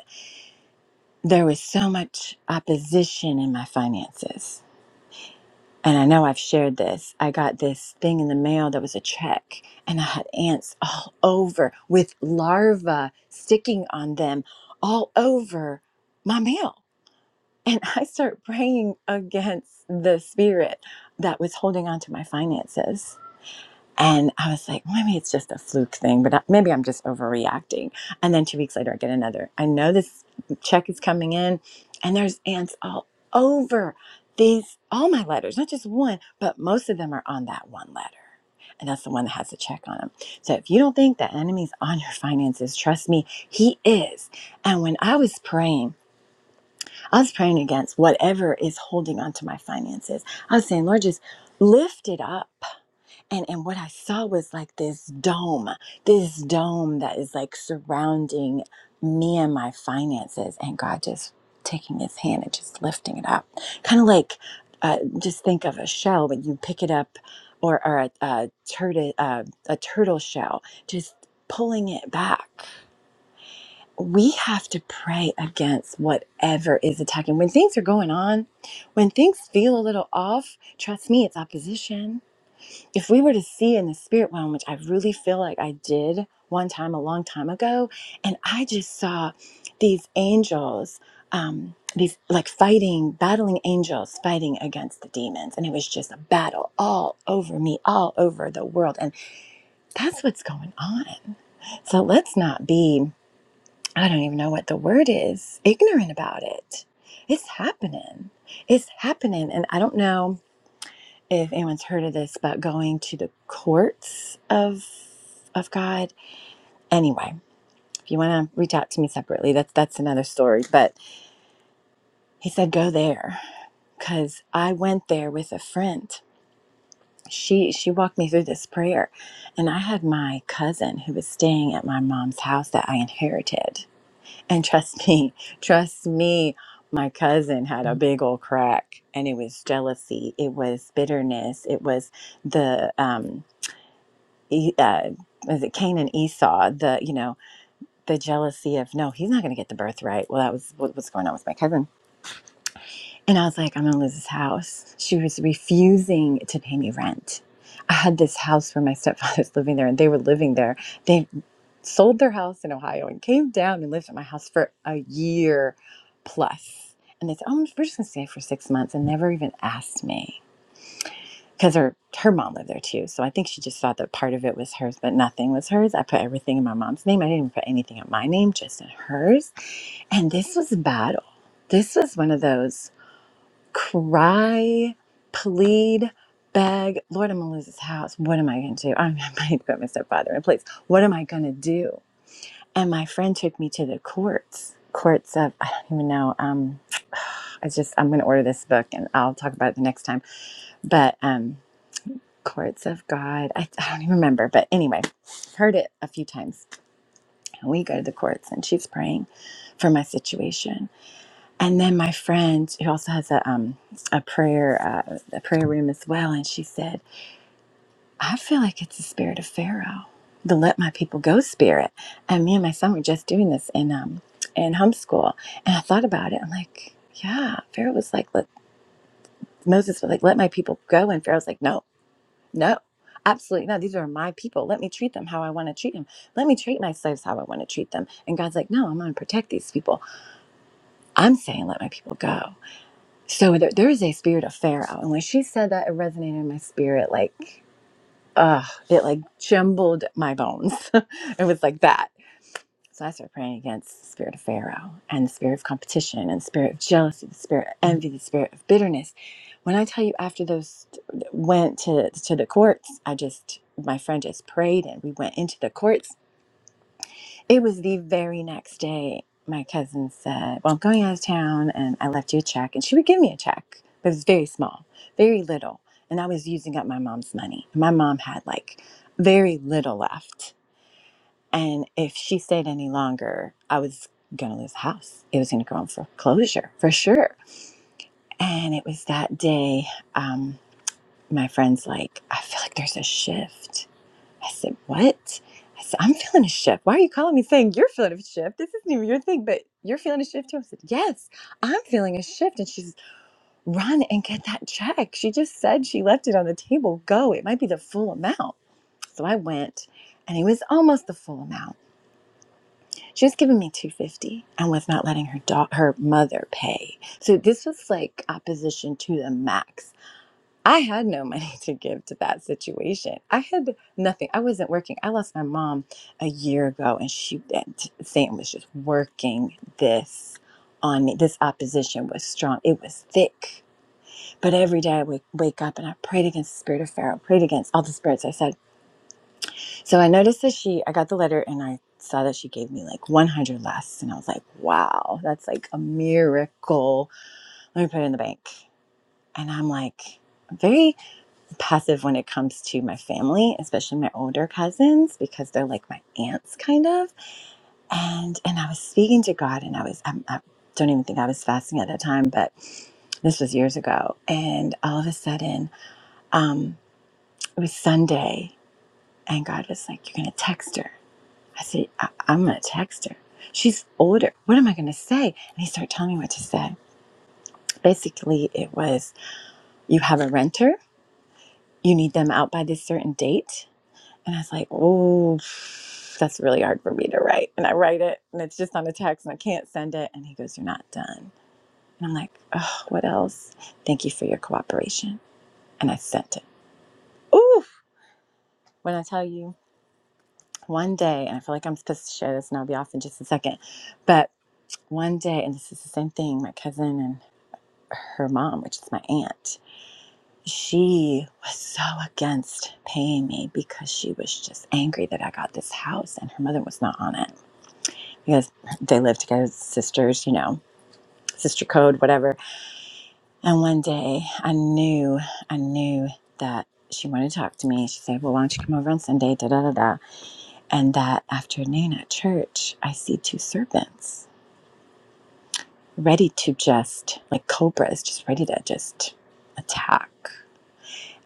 [SPEAKER 3] There was so much opposition in my finances. And I know I've shared this. I got this thing in the mail that was a check, and I had ants all over with larvae sticking on them all over my mail. And I start praying against the spirit that was holding on to my finances And I was like, "Well, maybe it's just a fluke thing, but I- maybe I'm just overreacting. And then two weeks later, I get another. I know this check is coming in, and there's ants all over these, all my letters, not just one, but most of them are on that one letter. And that's the one that has a check on them. So if you don't think the enemy's on your finances, trust me, he is. And when I was praying, I was praying against whatever is holding on to my finances. I was saying, Lord, just lift it up and and what I saw was like this dome, this dome that is like surrounding me and my finances, and God just taking His hand and just lifting it up, kind of like uh, just think of a shell when you pick it up, or or a, a turtle uh, a turtle shell, just pulling it back. We have to pray against whatever is attacking. When things are going on, when things feel a little off, trust me, it's opposition if we were to see in the spirit realm, which I really feel like I did one time a long time ago, and I just saw these angels, um, these like fighting, battling angels fighting against the demons. And it was just a battle all over me, all over the world. And that's what's going on. So let's not be, I don't even know what the word is, ignorant about it. It's happening. It's happening. And I don't know if anyone's heard of this about going to the courts of of God. Anyway, if you want to reach out to me separately, that's that's another story. But he said go there because I went there with a friend. She she walked me through this prayer, and I had my cousin who was staying at my mom's house that I inherited. And trust me, trust me, my cousin had a big old crack, and it was jealousy, it was bitterness, it was the um, E- uh, was it Cain and Esau? The you know the jealousy of no, he's not going to get the birthright. Well, that was what was going on with my cousin, and I was like, I'm going to lose this house. She was refusing to pay me rent. I had this house where my stepfather's living there, and they were living there. They sold their house in Ohio and came down and lived at my house for a year plus. And they said, "Oh, we're just going to stay for six months," and never even asked me because her her mom lived there too. So I think she just thought that part of it was hers, but nothing was hers. I put everything in my mom's name. I didn't even put anything in my name, just in hers. And this was a battle. This was one of those cry, plead, beg. Lord, I'm gonna lose this house. What am I gonna do? I'm gonna put my stepfather in place. What am I gonna do? And my friend took me to the courts. Courts of I don't even know. Um, I just I'm gonna order this book and I'll talk about it the next time. But um, courts of God. I, I don't even remember, but anyway, heard it a few times. And we go to the courts, and she's praying for my situation. And then my friend, who also has a um a prayer uh, a prayer room as well, and she said, "I feel like it's the spirit of Pharaoh, the let my people go spirit." And me and my son were just doing this in um in homeschool, and I thought about it. I'm like, yeah, Pharaoh was like, let Moses was like, let my people go, and Pharaoh's like, no. No, absolutely not. These are my people. Let me treat them how I want to treat them. Let me treat my slaves how I want to treat them. And God's like, no, I'm going to protect these people. I'm saying let my people go. So there, there is a spirit of Pharaoh. And when she said that, it resonated in my spirit like, ugh, it like jumbled my bones. it was like that. So I started praying against the spirit of Pharaoh and the spirit of competition and the spirit of jealousy, the spirit of envy, the spirit of bitterness. When I tell you, after those went to, to the courts, I just, my friend just prayed and we went into the courts. It was the very next day. My cousin said, Well, I'm going out of town and I left you a check. And she would give me a check, but it was very small, very little. And I was using up my mom's money. My mom had like very little left and if she stayed any longer, I was going to lose the house. It was going to go on foreclosure for sure. And it was that day, um, my friend's like, I feel like there's a shift. I said, What? I said, I'm feeling a shift. Why are you calling me saying you're feeling a shift? This isn't even your thing, but you're feeling a shift too. I said, Yes, I'm feeling a shift. And she's run and get that check. She just said she left it on the table. Go. It might be the full amount. So I went and it was almost the full amount. She was giving me 250 and was not letting her da- her mother pay. So this was like opposition to the max. I had no money to give to that situation. I had nothing. I wasn't working. I lost my mom a year ago and she and Sam was just working this on me. This opposition was strong. It was thick. But every day I would wake up and I prayed against the spirit of Pharaoh, prayed against all the spirits. I said. So I noticed that she, I got the letter and I saw that she gave me like 100 less. And I was like, wow, that's like a miracle. Let me put it in the bank. And I'm like, very passive when it comes to my family, especially my older cousins, because they're like my aunts kind of. And, and I was speaking to God and I was, I'm, I i do not even think I was fasting at that time, but this was years ago. And all of a sudden, um, it was Sunday and God was like, you're going to text her I said, I- I'm going to text her. She's older. What am I going to say? And he started telling me what to say. Basically, it was you have a renter, you need them out by this certain date. And I was like, oh, that's really hard for me to write. And I write it, and it's just on a text, and I can't send it. And he goes, You're not done. And I'm like, oh, what else? Thank you for your cooperation. And I sent it. Ooh, when I tell you one day, and I feel like I'm supposed to share this, and I'll be off in just a second, but one day, and this is the same thing, my cousin and. her mom, which is my aunt, she was so against paying me because she was just angry that I got this house and her mother was not on it because they lived together, sisters, you know, sister code, whatever. And one day I knew, I knew that she wanted to talk to me. She said, Well, why don't you come over on Sunday? Da da da da. And that afternoon at church, I see two serpents ready to just, like cobras, just ready to just attack.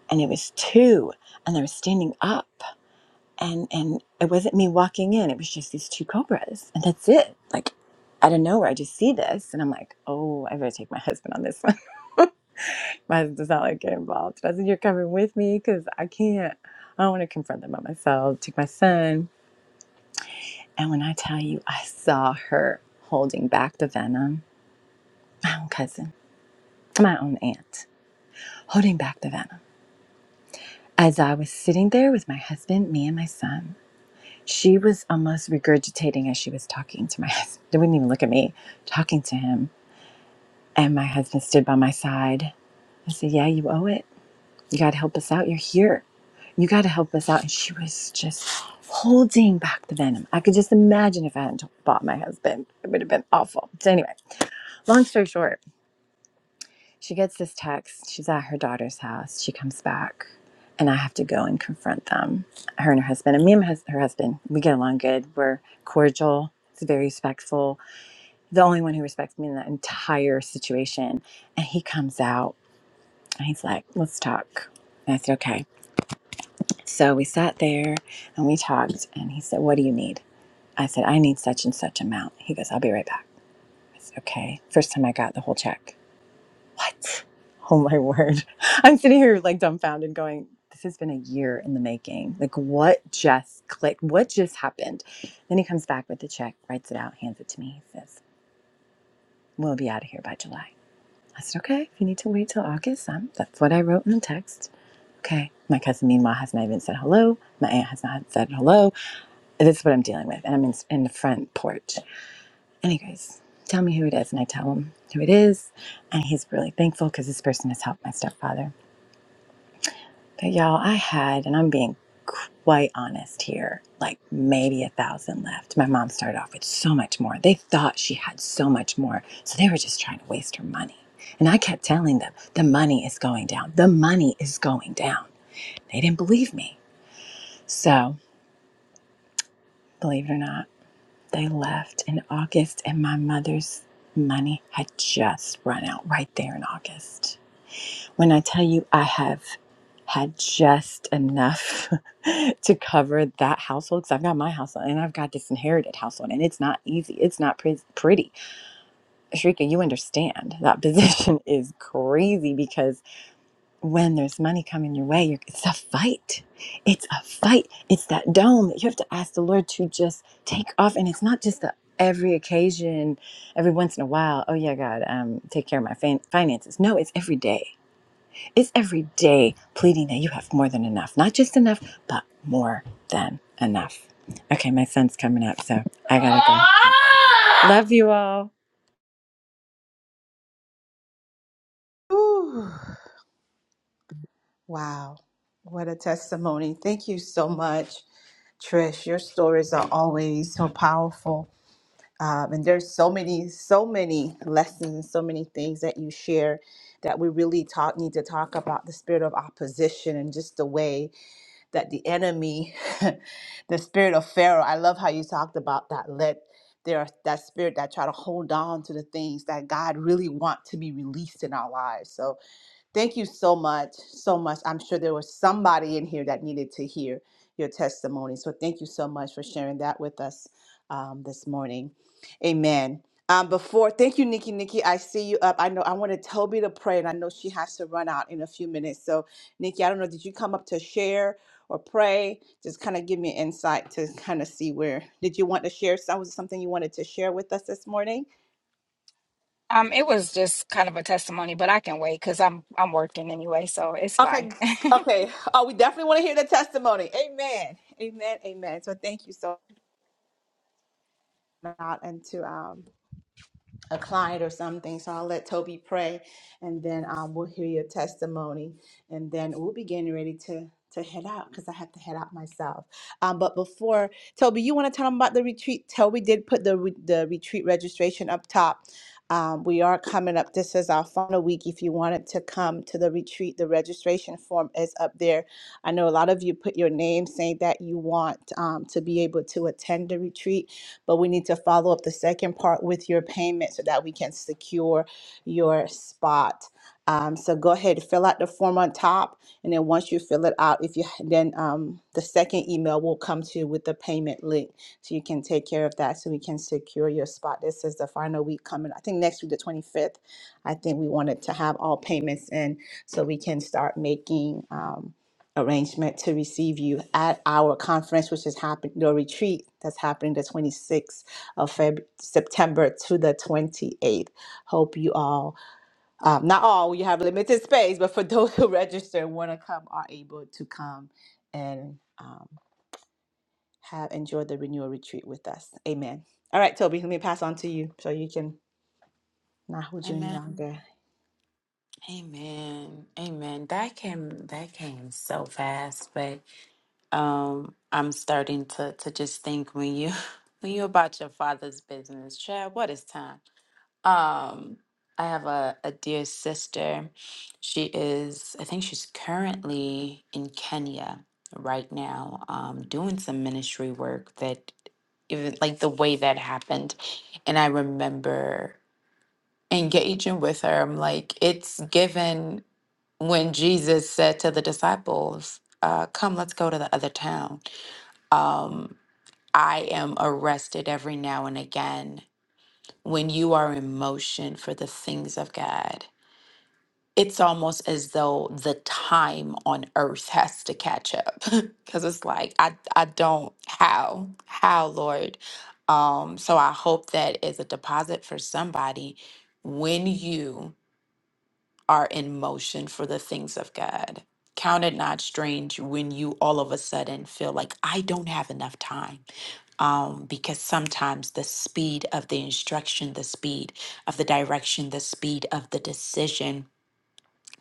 [SPEAKER 3] and it was two and they were standing up and and it wasn't me walking in it was just these two cobras and that's it like out of nowhere i just see this and i'm like oh i better take my husband on this one my husband's not like get involved i said you're coming with me because i can't i don't want to confront them by myself take my son and when i tell you i saw her holding back the venom my own cousin my own aunt holding back the venom as i was sitting there with my husband me and my son She was almost regurgitating as she was talking to my husband. They wouldn't even look at me, talking to him. And my husband stood by my side. I said, Yeah, you owe it. You got to help us out. You're here. You got to help us out. And she was just holding back the venom. I could just imagine if I hadn't bought my husband, it would have been awful. So, anyway, long story short, she gets this text. She's at her daughter's house. She comes back, and I have to go and confront them, her and her husband. And me and hus- her husband, we get along good. We're cordial. It's very respectful. The only one who respects me in the entire situation. And he comes out and he's like, let's talk. And I said, okay. So we sat there and we talked. And he said, what do you need? I said, I need such and such amount. He goes, I'll be right back. I said, okay. First time I got the whole check. What? Oh my word. I'm sitting here like dumbfounded going, this has been a year in the making. Like what just clicked? What just happened? Then he comes back with the check, writes it out, hands it to me. He says, We'll be out of here by July. I said, Okay, if you need to wait till August, um, that's what I wrote in the text. Okay. My cousin meanwhile has not even said hello. My aunt has not said hello. This is what I'm dealing with. And I'm in, in the front porch. Anyways, tell me who it is. And I tell him who it is. And he's really thankful because this person has helped my stepfather. But y'all, I had, and I'm being quite honest here, like maybe a thousand left. My mom started off with so much more. They thought she had so much more. So they were just trying to waste her money. And I kept telling them, the money is going down. The money is going down. They didn't believe me. So, believe it or not, they left in August, and my mother's money had just run out right there in August. When I tell you, I have had just enough to cover that household because I've got my household and I've got this inherited household and it's not easy. It's not pre- pretty. Shrika, you understand that position is crazy because when there's money coming your way, you're, it's a fight. It's a fight. It's that dome that you have to ask the Lord to just take off. And it's not just the every occasion, every once in a while, oh yeah, God, um, take care of my fin- finances. No, it's every day it's every day pleading that you have more than enough. Not just enough, but more than enough. Okay, my son's coming up, so I gotta go. Love you all.
[SPEAKER 1] Wow, what a testimony. Thank you so much, Trish. Your stories are always so powerful. Um, and there's so many, so many lessons, so many things that you share that we really talk need to talk about the spirit of opposition and just the way that the enemy, the spirit of Pharaoh. I love how you talked about that. Let there are that spirit that try to hold on to the things that God really want to be released in our lives. So Thank you so much, so much. I'm sure there was somebody in here that needed to hear your testimony. So thank you so much for sharing that with us um, this morning. Amen. Um, before, thank you, Nikki. Nikki, I see you up. I know I wanted Toby to pray, and I know she has to run out in a few minutes. So, Nikki, I don't know, did you come up to share or pray? Just kind of give me insight to kind of see where did you want to share? So, was it something you wanted to share with us this morning?
[SPEAKER 4] Um, it was just kind of a testimony, but I can wait because I'm I'm working anyway, so it's fine.
[SPEAKER 1] Okay, okay. Oh, we definitely want to hear the testimony. Amen. Amen. Amen. So thank you so much, and to um a client or something. So I'll let Toby pray, and then um, we'll hear your testimony, and then we'll be getting ready to to head out because I have to head out myself. Um, but before Toby, you want to tell them about the retreat? Toby did put the re- the retreat registration up top. Um, we are coming up. This is our final week. If you wanted to come to the retreat, the registration form is up there. I know a lot of you put your name saying that you want um, to be able to attend the retreat but we need to follow up the second part with your payment so that we can secure your spot. Um, so go ahead, fill out the form on top, and then once you fill it out, if you then um, the second email will come to you with the payment link, so you can take care of that, so we can secure your spot. This is the final week coming. I think next week, the twenty fifth. I think we wanted to have all payments in, so we can start making. Um, arrangement to receive you at our conference, which is happening, the retreat that's happening the 26th of Feb- September to the 28th. Hope you all, um, not all, we have limited space, but for those who register and want to come, are able to come and um, have enjoyed the renewal retreat with us. Amen. All right, Toby, let me pass on to you so you can not hold you any
[SPEAKER 2] Amen.
[SPEAKER 1] longer.
[SPEAKER 2] Amen. Amen. That came that came so fast, but um I'm starting to to just think when you when you're about your father's business, Chad, what is time? Um, I have a, a dear sister. She is, I think she's currently in Kenya right now, um, doing some ministry work that even like the way that happened. And I remember engaging with her. I'm like, it's given when Jesus said to the disciples, uh, come, let's go to the other town. Um, I am arrested every now and again when you are in motion for the things of God, it's almost as though the time on earth has to catch up because it's like I I don't how how Lord. Um, so I hope that is a deposit for somebody when you are in motion for the things of God. Count it not strange when you all of a sudden feel like I don't have enough time um, because sometimes the speed of the instruction, the speed of the direction, the speed of the decision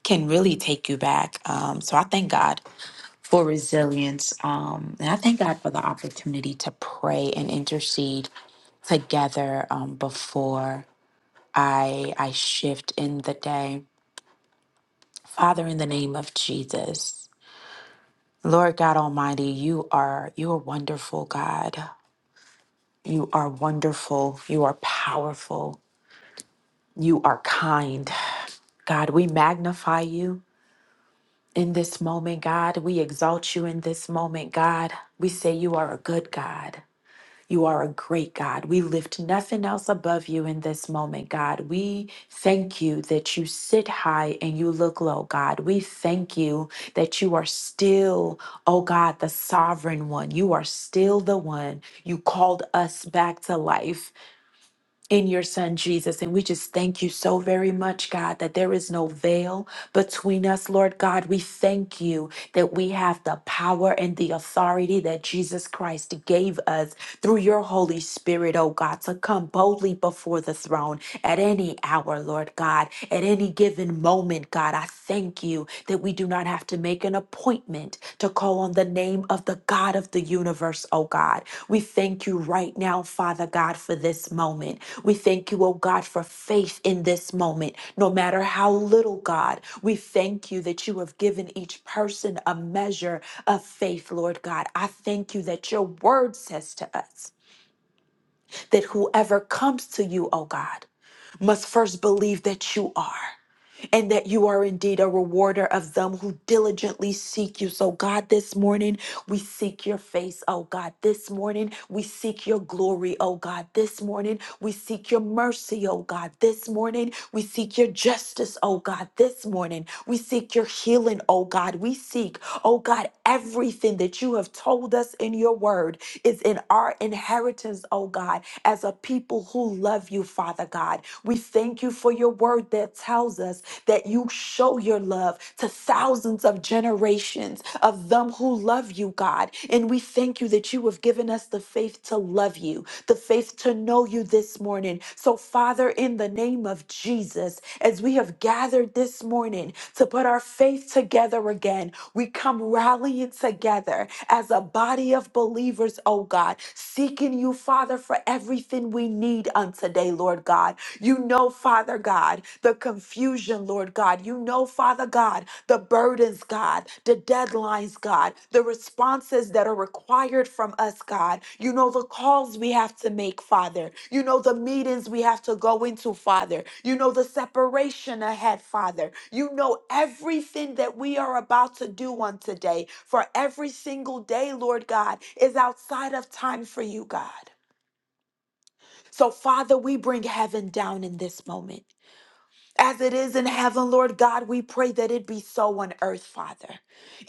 [SPEAKER 2] can really take you back. Um, so I thank God for resilience. Um, and I thank God for the opportunity to pray and intercede together um, before I, I shift in the day. Father, in the name of Jesus, Lord God Almighty, you are you are wonderful, God. You are wonderful. You are powerful. You are kind. God, we magnify you in this moment, God. We exalt you in this moment, God. We say you are a good God. You are a great God. We lift nothing else above you in this moment, God. We thank you that you sit high and you look low, God. We thank you that you are still, oh God, the sovereign one. You are still the one. You called us back to life in your son Jesus. And we just thank you so very much, God, that there is no veil between us, Lord God. We thank you that we have the power and the authority that Jesus Christ gave us through your Holy Spirit, oh God, to come boldly before the throne at any hour, Lord God, at any given moment, God. I thank you that we do do not have to make an appointment to call on the name of the God of the universe, oh God. We thank you right now, Father God, for this moment. We thank you, oh God, for faith in this moment, no matter how little, God. We thank you that you have given each person a measure of faith, Lord God. I thank you that your word says to us that whoever comes to you, oh God, must first believe that you are and that you are indeed a rewarder of them who diligently seek you. So, God, this morning we seek your face, oh God. This morning we seek your glory, oh God. This morning we seek your mercy, oh God. This morning we seek your justice, oh God. This morning we seek your healing, oh God. We seek, oh God, everything that you have told us in your word is in our inheritance, oh God, as a people who love you, Father God. We thank you thank you for your word that tells us that you show your love to thousands of generations of them who love you, God. And we thank you that you have given us the faith to love you, the faith to know you this morning. So, Father, in the name of Jesus, as we have gathered this morning to put our faith together again, we come rallying together as a body of believers, oh God, seeking you, Father, for everything we need on today, Lord God. You know, Father God, the confusion, Lord God. You know, Father God, the burdens, God, the deadlines, God, the responses that are required from us, God. You know the calls we have to make, Father. You know the meetings we have to go into, Father. You know the separation ahead, Father. You know everything that we are about to do on today. For every single day, Lord God, is outside of time for you, God. So, Father, we bring heaven down in this moment. As it is in heaven, Lord God, we pray that it be so on earth, Father.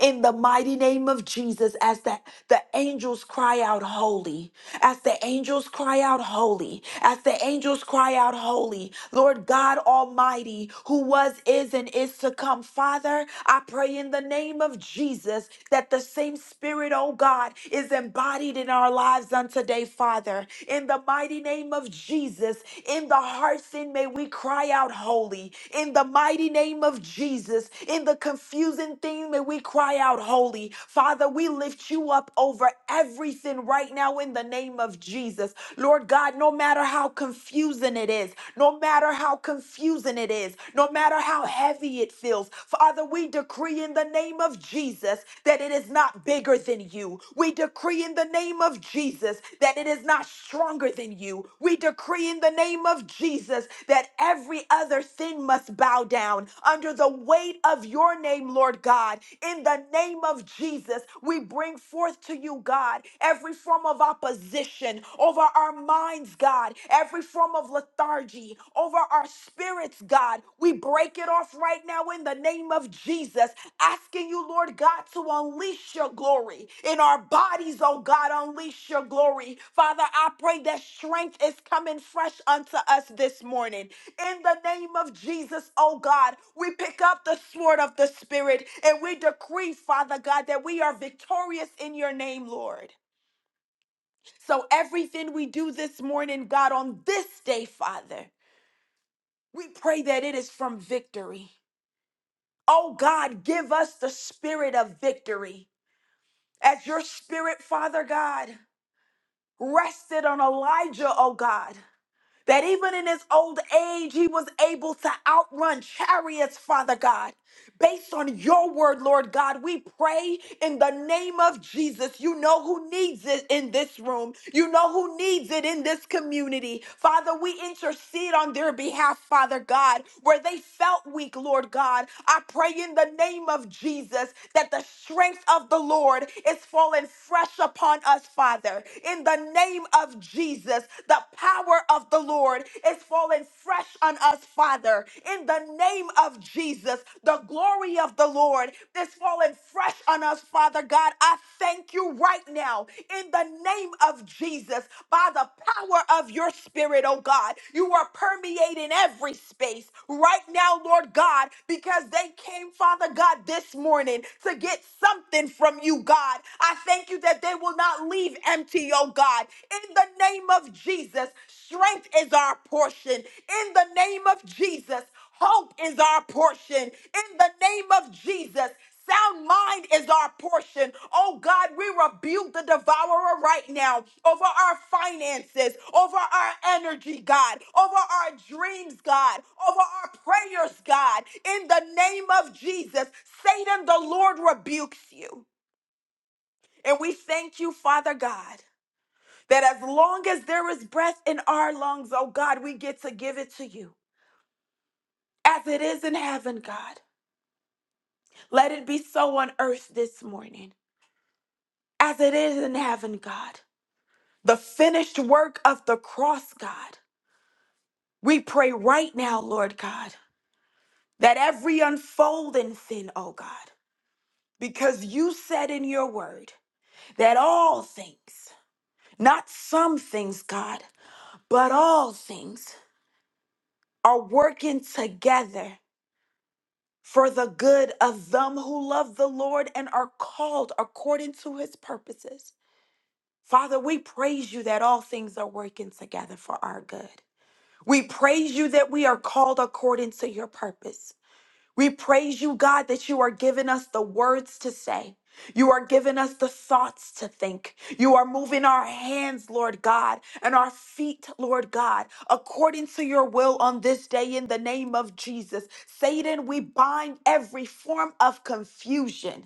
[SPEAKER 2] In the mighty name of Jesus, as that the angels cry out, holy. As the angels cry out, holy, as the angels cry out, holy, Lord God Almighty, who was, is, and is to come, Father, I pray in the name of Jesus that the same Spirit, oh God, is embodied in our lives on today, Father. In the mighty name of Jesus, in the heart sin, may we cry out, holy. In the mighty name of Jesus, in the confusing thing, may we cry out, holy. Father, Father, we lift you up over everything right now in the name of Jesus. Lord God, no matter how confusing it is, no matter how confusing it is, no matter how heavy it feels, Father, we decree in the name of Jesus that it is not bigger than you. We decree in the name of Jesus that it is not stronger than you. We decree in the name of Jesus that every other sin must bow down under the weight light of your name, Lord God. In the name of Jesus, we bring forth to you, God, every form of opposition over our minds, God, every form of lethargy over our spirits, God. We break it off right now in the name of Jesus, asking you, Lord God, to unleash your glory in our bodies, oh God, unleash your glory. Father, I pray that strength is coming fresh unto us this morning. In the name of Jesus, oh God, we pick up the sword of the Spirit and we decree, Father God, that we are victorious in your name, Lord. So everything we do this morning, God, on this day, Father, we pray that it is from victory. Oh God, give us the spirit of victory. As your spirit, Father God, rested on Elijah, oh God, that even in his old age, he was able to outrun chariots, Father God. based on your word, Lord God. We pray in the name of Jesus. You know who needs it in this room, you know who needs it in this community. Father, we intercede on their behalf, Father God, where they felt weak, Lord God. I pray in the name of Jesus that the strength of the Lord is falling fresh upon us, Father. In the name of Jesus, the power of the Lord is falling fresh on us, Father. In the name of Jesus, the glory of the Lord is falling fresh on us, Father God. I thank you right now in the name of Jesus by the power of your spirit, oh God. You are permeating every space right now, Lord God, because they came, Father God, this morning to get something from you, God. I thank you that they will not leave empty, oh God. In the name of Jesus, strength is our portion. In the name of Jesus, hope is our portion. In the name of Jesus, sound mind is our portion. Oh God, we rebuke the devourer right now over our finances, over our energy, God, over our dreams, God, over our prayers, God. In the name of Jesus, Satan, the Lord rebukes you. And we thank you, Father God that as long as there is breath in our lungs, oh God, we get to give it to you. As it is in heaven, God, let it be so on earth this morning. As it is in heaven, God, the finished work of the cross, God, we pray right now, Lord God, that every unfolding sin, oh God, because you said in your word that all things, not some things, God, but all things are working together for the good of them who love the Lord and are called according to his purposes. Father, we praise you that all things are working together for our good. We praise you that we are called according to your purpose. We praise you, God, that you are giving us the words to say. You are giving us the thoughts to think. You are moving our hands, Lord God, and our feet, Lord God, according to your will on this day in the name of Jesus. Satan, we bind every form of confusion.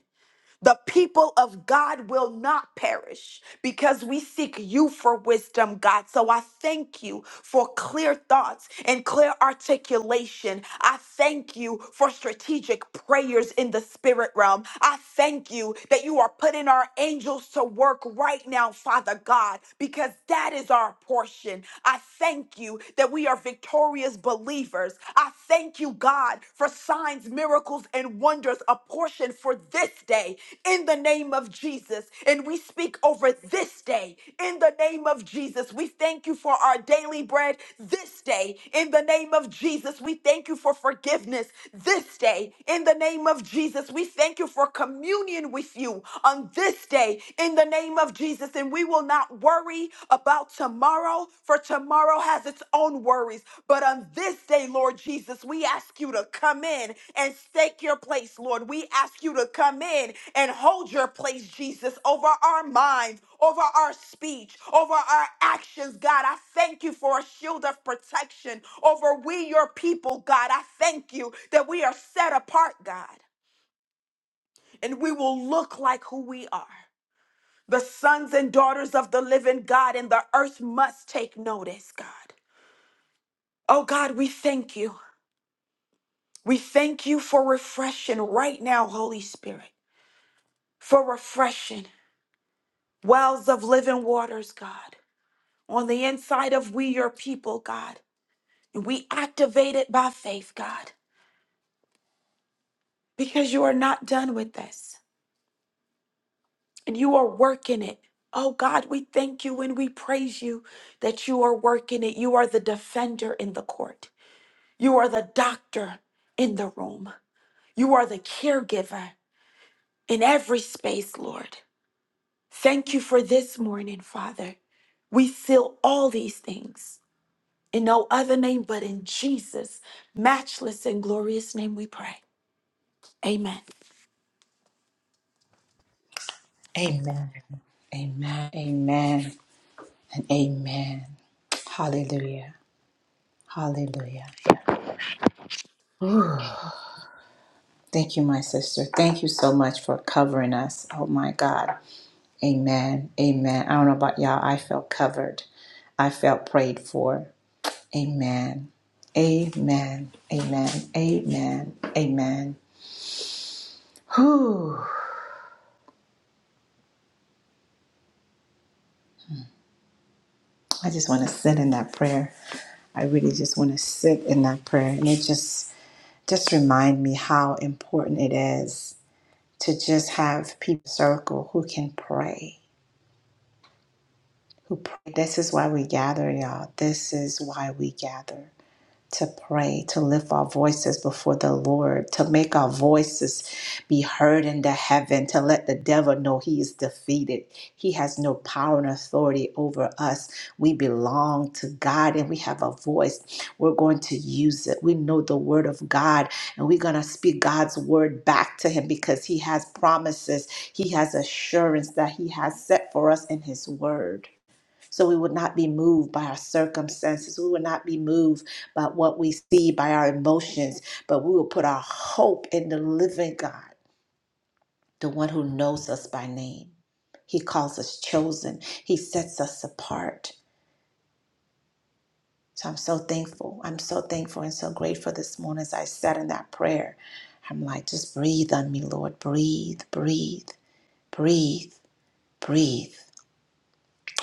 [SPEAKER 2] The people of God will not perish because we seek you for wisdom, God. So I thank you for clear thoughts and clear articulation. I thank you for strategic prayers in the spirit realm. I thank you that you are putting our angels to work right now, Father God, because that is our portion. I thank you that we are victorious believers believers. I thank you, God, for signs, miracles, and wonders apportioned for this day in the name of Jesus. And we speak over this day in the name of Jesus. We thank you for our daily bread this day in the name of Jesus. We thank you for forgiveness this day in the name of Jesus. We thank you for communion with you on this day in the name of Jesus. And we will not worry about tomorrow, for tomorrow has its own worries. But on this day, Lord Jesus, we ask you to come in and stake your place, Lord. We ask you to come in and hold your place, Jesus, over our minds, over our speech, over our actions, God. I thank you for a shield of protection over we, your people, God. I thank you that we are set apart, God, and we will look like who we are. The sons and daughters of the living God and the earth must take notice, God. Oh God, we thank you. We thank you for refreshing right now, Holy Spirit, for refreshing wells of living waters, God, on the inside of we, your people, God. And we activate it by faith, God, because you are not done with this and you are working it. Oh God, we thank you and we praise you that you are working it. You are the defender in the court. You are the doctor in the room. You are the caregiver in every space, Lord. Thank you for this morning, Father. We seal all these things in no other name but in Jesus' matchless and glorious name we pray. Amen.
[SPEAKER 1] Amen. Amen, amen, and amen. Hallelujah, hallelujah. Thank you, my sister. Thank you so much for covering us. Oh my God. Amen. Amen. I don't know about y'all. I felt covered. I felt prayed for. Amen. Amen. Amen. Amen. Amen. Whew. I just want to sit in that prayer. I really just want to sit in that prayer. And it just just remind me how important it is to just have people in your circle who can pray. who pray. This is why we gather, y'all. This is why we gather to pray, to lift our voices before the Lord, to make our voices be heard into heaven, to let the devil know he is defeated. He has no power and authority over us. We belong to God and we have a voice. We're going to use it. We know the word of God and we're going to speak God's word back to him because he has promises, he has assurance that he has set for us in his word. So we would not be moved by our circumstances. We would not be moved by what we see, by our emotions, but we will put our hope in the living God, the one who knows us by name. He calls us chosen, He sets us apart. So I'm so thankful. I'm so thankful and so grateful this morning as I sat in that prayer. I'm like, just breathe on me, Lord. Breathe, breathe, breathe, breathe.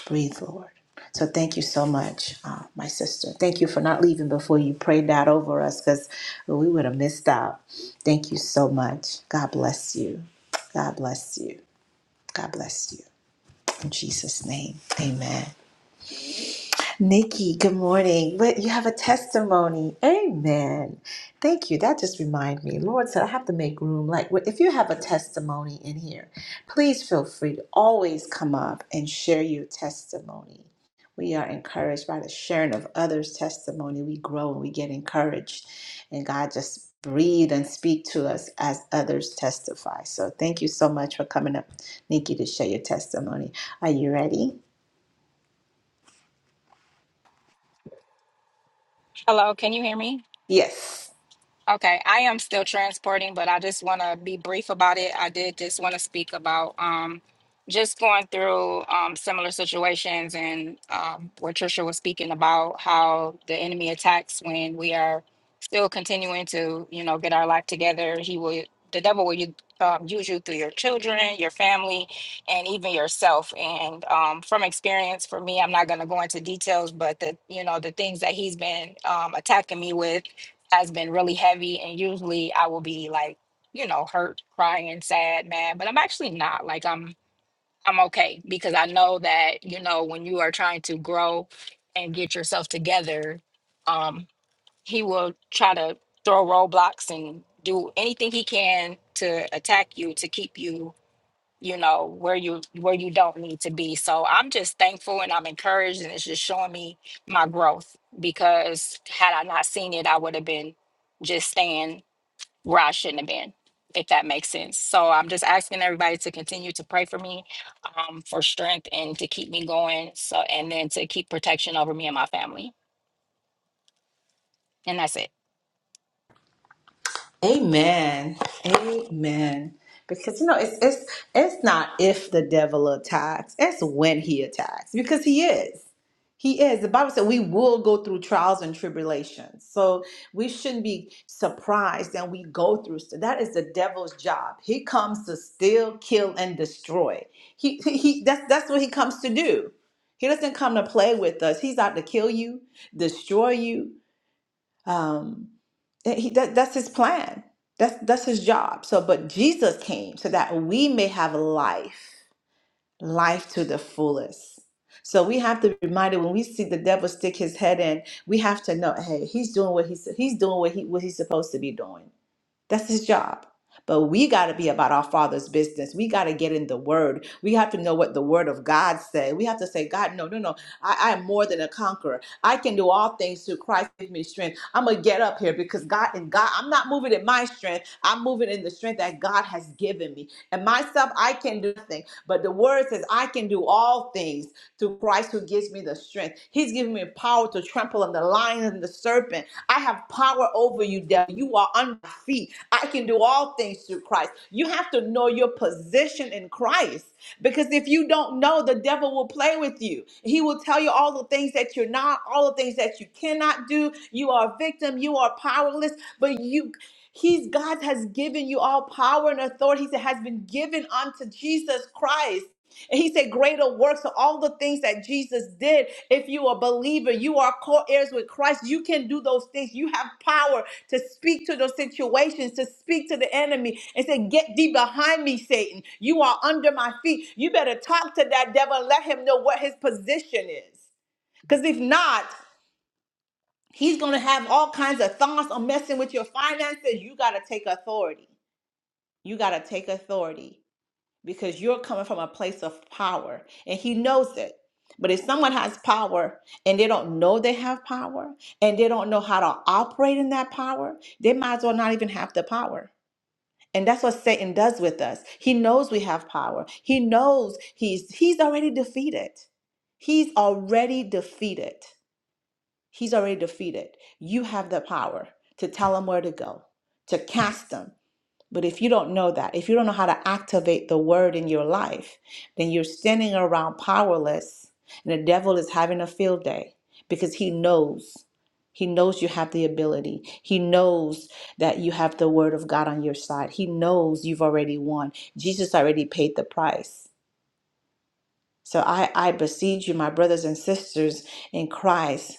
[SPEAKER 1] Breathe, Lord. So thank you so much, uh, my sister. Thank you for not leaving before you prayed that over us because we would have missed out. Thank you so much. God bless you. God bless you. God bless you. In Jesus' name, amen. Nikki, good morning. But you have a testimony. Amen. Thank you. That just reminded me. Lord said, I have to make room. Like, well, if you have a testimony in here, please feel free to always come up and share your testimony. We are encouraged by the sharing of others' testimony. We grow and we get encouraged. And God just breathe and speak to us as others testify. So thank you so much for coming up, Nikki, to share your testimony. Are you ready?
[SPEAKER 4] Hello, can you hear me?
[SPEAKER 1] Yes.
[SPEAKER 4] Okay, I am still transporting, but I just want to be brief about it. I did just want to speak about um, just going through um, similar situations and um, what Trisha was speaking about how the enemy attacks when we are still continuing to, you know, get our life together. He will, the devil will u- um, use you through your children, your family, and even yourself. And um, from experience, for me, I'm not going to go into details, but the, you know, the things that he's been um, attacking me with has been really heavy and usually I will be like, you know, hurt, crying, sad, mad, but I'm actually not. Like I'm I'm okay because I know that, you know, when you are trying to grow and get yourself together, um he will try to throw roadblocks and do anything he can to attack you to keep you you know where you where you don't need to be so i'm just thankful and i'm encouraged and it's just showing me my growth because had i not seen it i would have been just staying where i shouldn't have been if that makes sense so i'm just asking everybody to continue to pray for me um, for strength and to keep me going so and then to keep protection over me and my family and that's it
[SPEAKER 1] Amen. Amen. Because you know it's it's it's not if the devil attacks, it's when he attacks. Because he is. He is. The Bible said we will go through trials and tribulations. So we shouldn't be surprised that we go through stuff. That is the devil's job. He comes to steal, kill, and destroy. He, he, he that's that's what he comes to do. He doesn't come to play with us. He's out to kill you, destroy you. Um, and he, that, that's his plan. That's that's his job. So, but Jesus came so that we may have life, life to the fullest. So we have to be reminded when we see the devil stick his head in, we have to know, hey, he's doing what he's he's doing what he what he's supposed to be doing. That's his job. But we got to be about our father's business. We got to get in the word. We have to know what the word of God said. We have to say, God, no, no, no. I, I am more than a conqueror. I can do all things through Christ gives me strength. I'm going to get up here because God and God, I'm not moving in my strength. I'm moving in the strength that God has given me. And myself, I can do nothing. But the word says, I can do all things through Christ who gives me the strength. He's given me power to trample on the lion and the serpent. I have power over you, devil. You are on my feet. I can do all things through Christ. You have to know your position in Christ because if you don't know, the devil will play with you. He will tell you all the things that you're not, all the things that you cannot do. You are a victim. You are powerless. But you, He's God has given you all power and authority that has been given unto Jesus Christ he said, Greater works, so all the things that Jesus did. If you are a believer, you are co heirs with Christ. You can do those things. You have power to speak to those situations, to speak to the enemy and say, Get thee behind me, Satan. You are under my feet. You better talk to that devil and let him know what his position is. Because if not, he's going to have all kinds of thoughts on messing with your finances. You got to take authority. You got to take authority because you're coming from a place of power and he knows it. But if someone has power and they don't know they have power and they don't know how to operate in that power, they might as well not even have the power. And that's what Satan does with us. He knows we have power. He knows he's he's already defeated. He's already defeated. He's already defeated. You have the power to tell him where to go, to cast him, but if you don't know that, if you don't know how to activate the word in your life, then you're standing around powerless and the devil is having a field day because he knows. He knows you have the ability. He knows that you have the word of God on your side. He knows you've already won. Jesus already paid the price. So I, I beseech you, my brothers and sisters in Christ,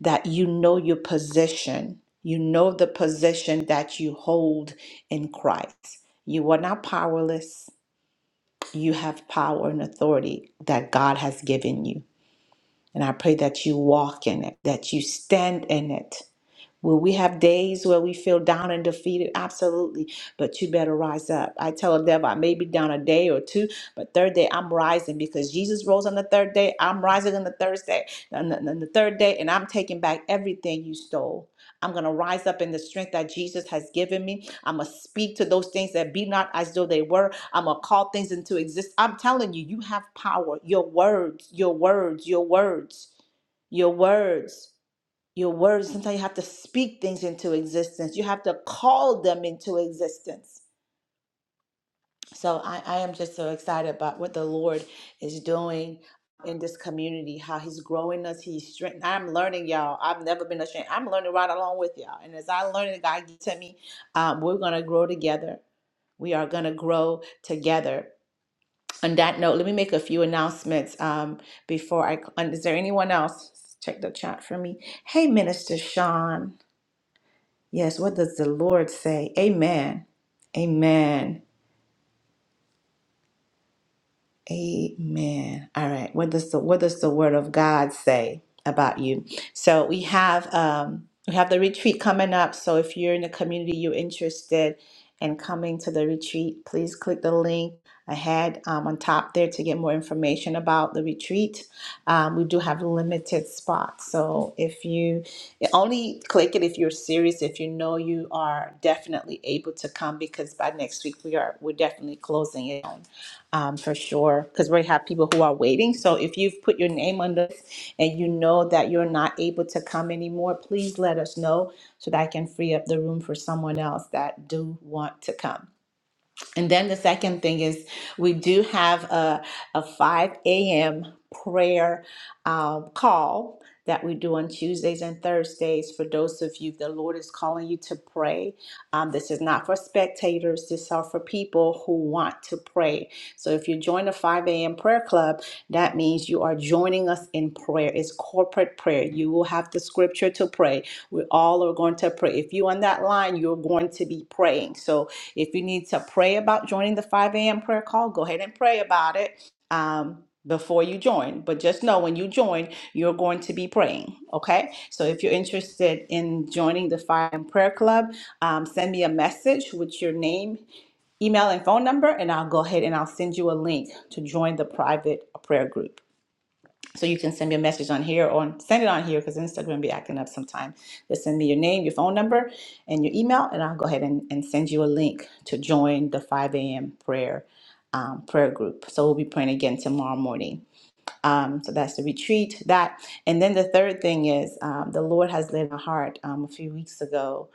[SPEAKER 1] that you know your position. You know the position that you hold in Christ. You are not powerless. You have power and authority that God has given you. And I pray that you walk in it, that you stand in it, Will we have days where we feel down and defeated? Absolutely. But you better rise up. I tell the devil, I may be down a day or two, but third day I'm rising because Jesus rose on the third day. I'm rising on the Thursday, on the, on the third day, and I'm taking back everything you stole. I'm going to rise up in the strength that Jesus has given me. I'm going to speak to those things that be not as though they were. I'm going to call things into existence. I'm telling you, you have power. Your words, your words, your words, your words. Your words, sometimes you have to speak things into existence. You have to call them into existence. So I, I am just so excited about what the Lord is doing in this community, how He's growing us, He's strengthening. I'm learning, y'all. I've never been a stranger. I'm learning right along with y'all. And as I learn and God gives to me, um, we're gonna grow together. We are gonna grow together. On that note, let me make a few announcements um, before I. Is there anyone else? Check the chat for me. Hey, Minister Sean. Yes, what does the Lord say? Amen. Amen. Amen. All right. What does the what does the word of God say about you? So we have um we have the retreat coming up. So if you're in the community, you're interested in coming to the retreat, please click the link ahead um, on top there to get more information about the retreat. Um, we do have limited spots. So if you only click it if you're serious, if you know you are definitely able to come because by next week we are we're definitely closing it um, for sure, because we have people who are waiting. So if you've put your name on this and you know that you're not able to come anymore, please let us know so that I can free up the room for someone else that do want to come. And then the second thing is we do have a, a 5 a.m. prayer um, call that we do on Tuesdays and Thursdays for those of you the Lord is calling you to pray. Um, this is not for spectators, this are for people who want to pray. So if you join the 5 a.m. prayer club, that means you are joining us in prayer. It's corporate prayer. You will have the scripture to pray. We all are going to pray. If you on that line, you're going to be praying. So if you need to pray about joining the 5 a.m. prayer call, go ahead and pray about it um, before you join. But just know when you join, you're going to be praying. Okay. So if you're interested in joining the 5 a.m. prayer club, um, send me a message with your name, email, and phone number, and I'll go ahead and I'll send you a link to join the private prayer group. So you can send me a message on here or send it on here because Instagram be acting up sometime. Just send me your name, your phone number, and your email, and I'll go ahead and, and send you a link to join the 5 a.m. prayer um, prayer group. So we'll be praying again tomorrow morning. Um, so that's the retreat. That and then the third thing is um, the Lord has laid in my heart um, a few weeks ago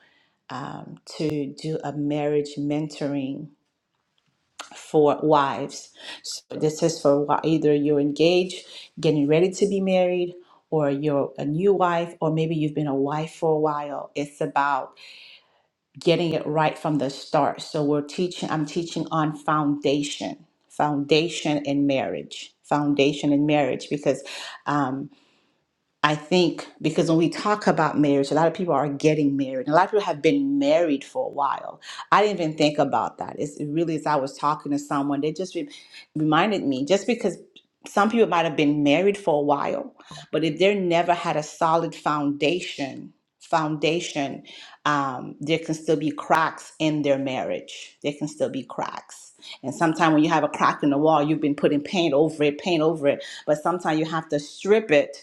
[SPEAKER 1] um, to do a marriage mentoring for wives. So this is for wi- either you're engaged, getting ready to be married, or you're a new wife, or maybe you've been a wife for a while. It's about getting it right from the start. So we're teaching, I'm teaching on foundation, foundation in marriage, foundation in marriage, because um, I think because when we talk about marriage, a lot of people are getting married. A lot of people have been married for a while. I didn't even think about that. It's it really as I was talking to someone, they just re- reminded me just because some people might have been married for a while, but if they never had a solid foundation, foundation, um, there can still be cracks in their marriage. There can still be cracks. And sometimes when you have a crack in the wall, you've been putting paint over it, paint over it. But sometimes you have to strip it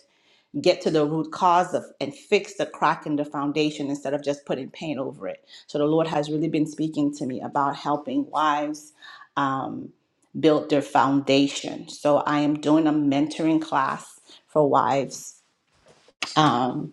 [SPEAKER 1] get to the root cause of and fix the crack in the foundation instead of just putting paint over it. So the Lord has really been speaking to me about helping wives um, build their foundation. So I am doing a mentoring class for wives. Um,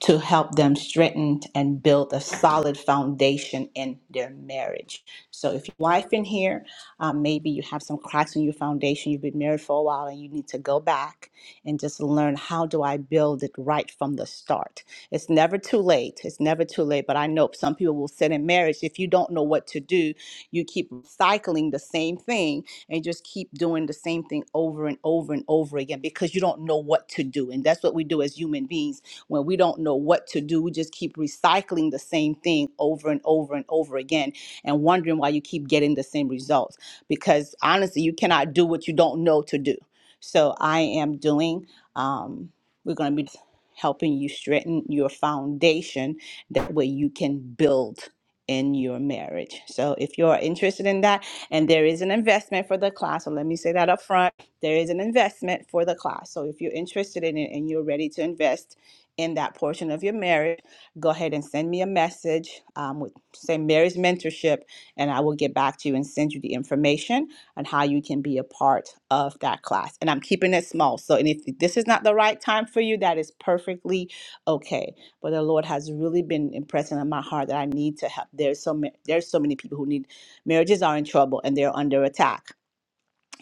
[SPEAKER 1] to help them strengthen and build a solid foundation in their marriage. So, if your wife in here, um, maybe you have some cracks in your foundation, you've been married for a while, and you need to go back and just learn how do I build it right from the start. It's never too late. It's never too late. But I know some people will sit in marriage if you don't know what to do, you keep cycling the same thing and just keep doing the same thing over and over and over again because you don't know what to do. And that's what we do as human beings when we don't know what to do. We just keep recycling the same thing over and over and over again and wondering why you keep getting the same results. Because honestly, you cannot do what you don't know to do. So I am doing, um, we're going to be helping you strengthen your foundation. That way you can build in your marriage. So if you're interested in that, and there is an investment for the class. So let me say that up front. There is an investment for the class. So if you're interested in it and you're ready to invest, in that portion of your marriage, go ahead and send me a message um, with say marriage mentorship, and I will get back to you and send you the information on how you can be a part of that class. And I'm keeping it small. So, and if this is not the right time for you, that is perfectly okay. But the Lord has really been impressing on my heart that I need to help. There's so ma- there's so many people who need marriages are in trouble and they're under attack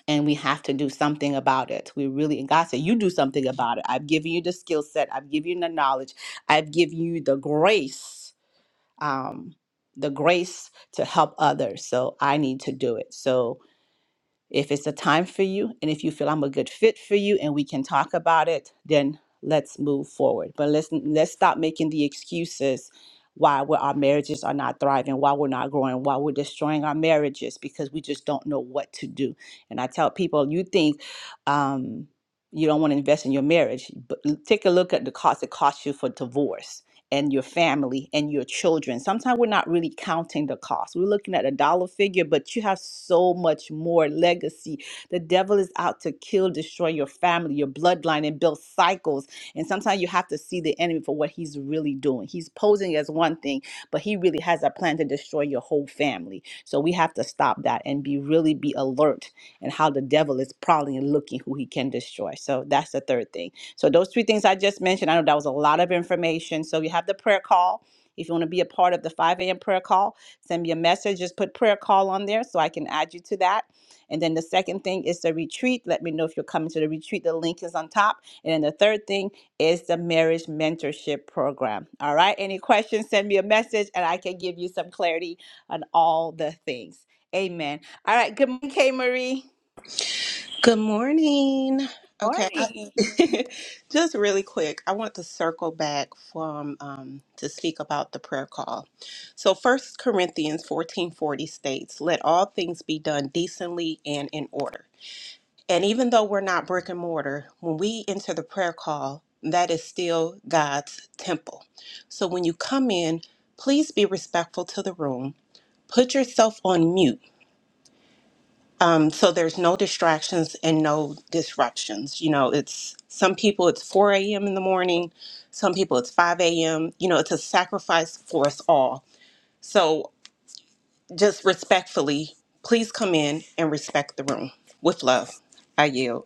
[SPEAKER 1] and we have to do something about it. We really, and God said, You do something about it. I've given you the skill set, I've given you the knowledge, I've given you the grace, um, the grace to help others. So I need to do it. So if it's a time for you and if you feel I'm a good fit for you and we can talk about it, then let's move forward. But let's let's stop making the excuses why we're, our marriages are not thriving, why we're not growing, why we're destroying our marriages because we just don't know what to do. And I tell people, you think um, you don't want to invest in your marriage, but take a look at the cost it costs you for divorce and your family and your children. Sometimes we're not really counting the cost. We're looking at a dollar figure, but you have so much more legacy. The devil is out to kill, destroy your family, your bloodline, and build cycles. And sometimes you have to see the enemy for what he's really doing. He's posing as one thing, but he really has a plan to destroy your whole family. So we have to stop that and be really be alert and how the devil is prowling and looking who he can destroy. So that's the third thing. So those three things I just mentioned, I know that was a lot of information. So you have the prayer call. If you want to be a part of the 5 a.m. prayer call, send me a message. Just put prayer call on there so I can add you to that. And then the second thing is the retreat. Let me know if you're coming to the retreat. The link is on top. And then the third thing is the marriage mentorship program. All right. Any questions, send me a message and I can give you some clarity on all the things. Amen. All right. Good morning, K Marie.
[SPEAKER 5] Good morning. Okay. I- Just really quick, I want to circle back from um, to speak about the prayer call. So First Corinthians 14:40 states, "Let all things be done decently and in order." And even though we're not brick and mortar, when we enter the prayer call, that is still God's temple. So when you come in, please be respectful to the room. Put yourself on mute um, so there's no distractions and no disruptions. You know, it's some people it's 4 a.m. in the morning, some people it's 5 a.m. You know, it's a sacrifice for us all. So just respectfully, please come in and respect the room with love. I yield.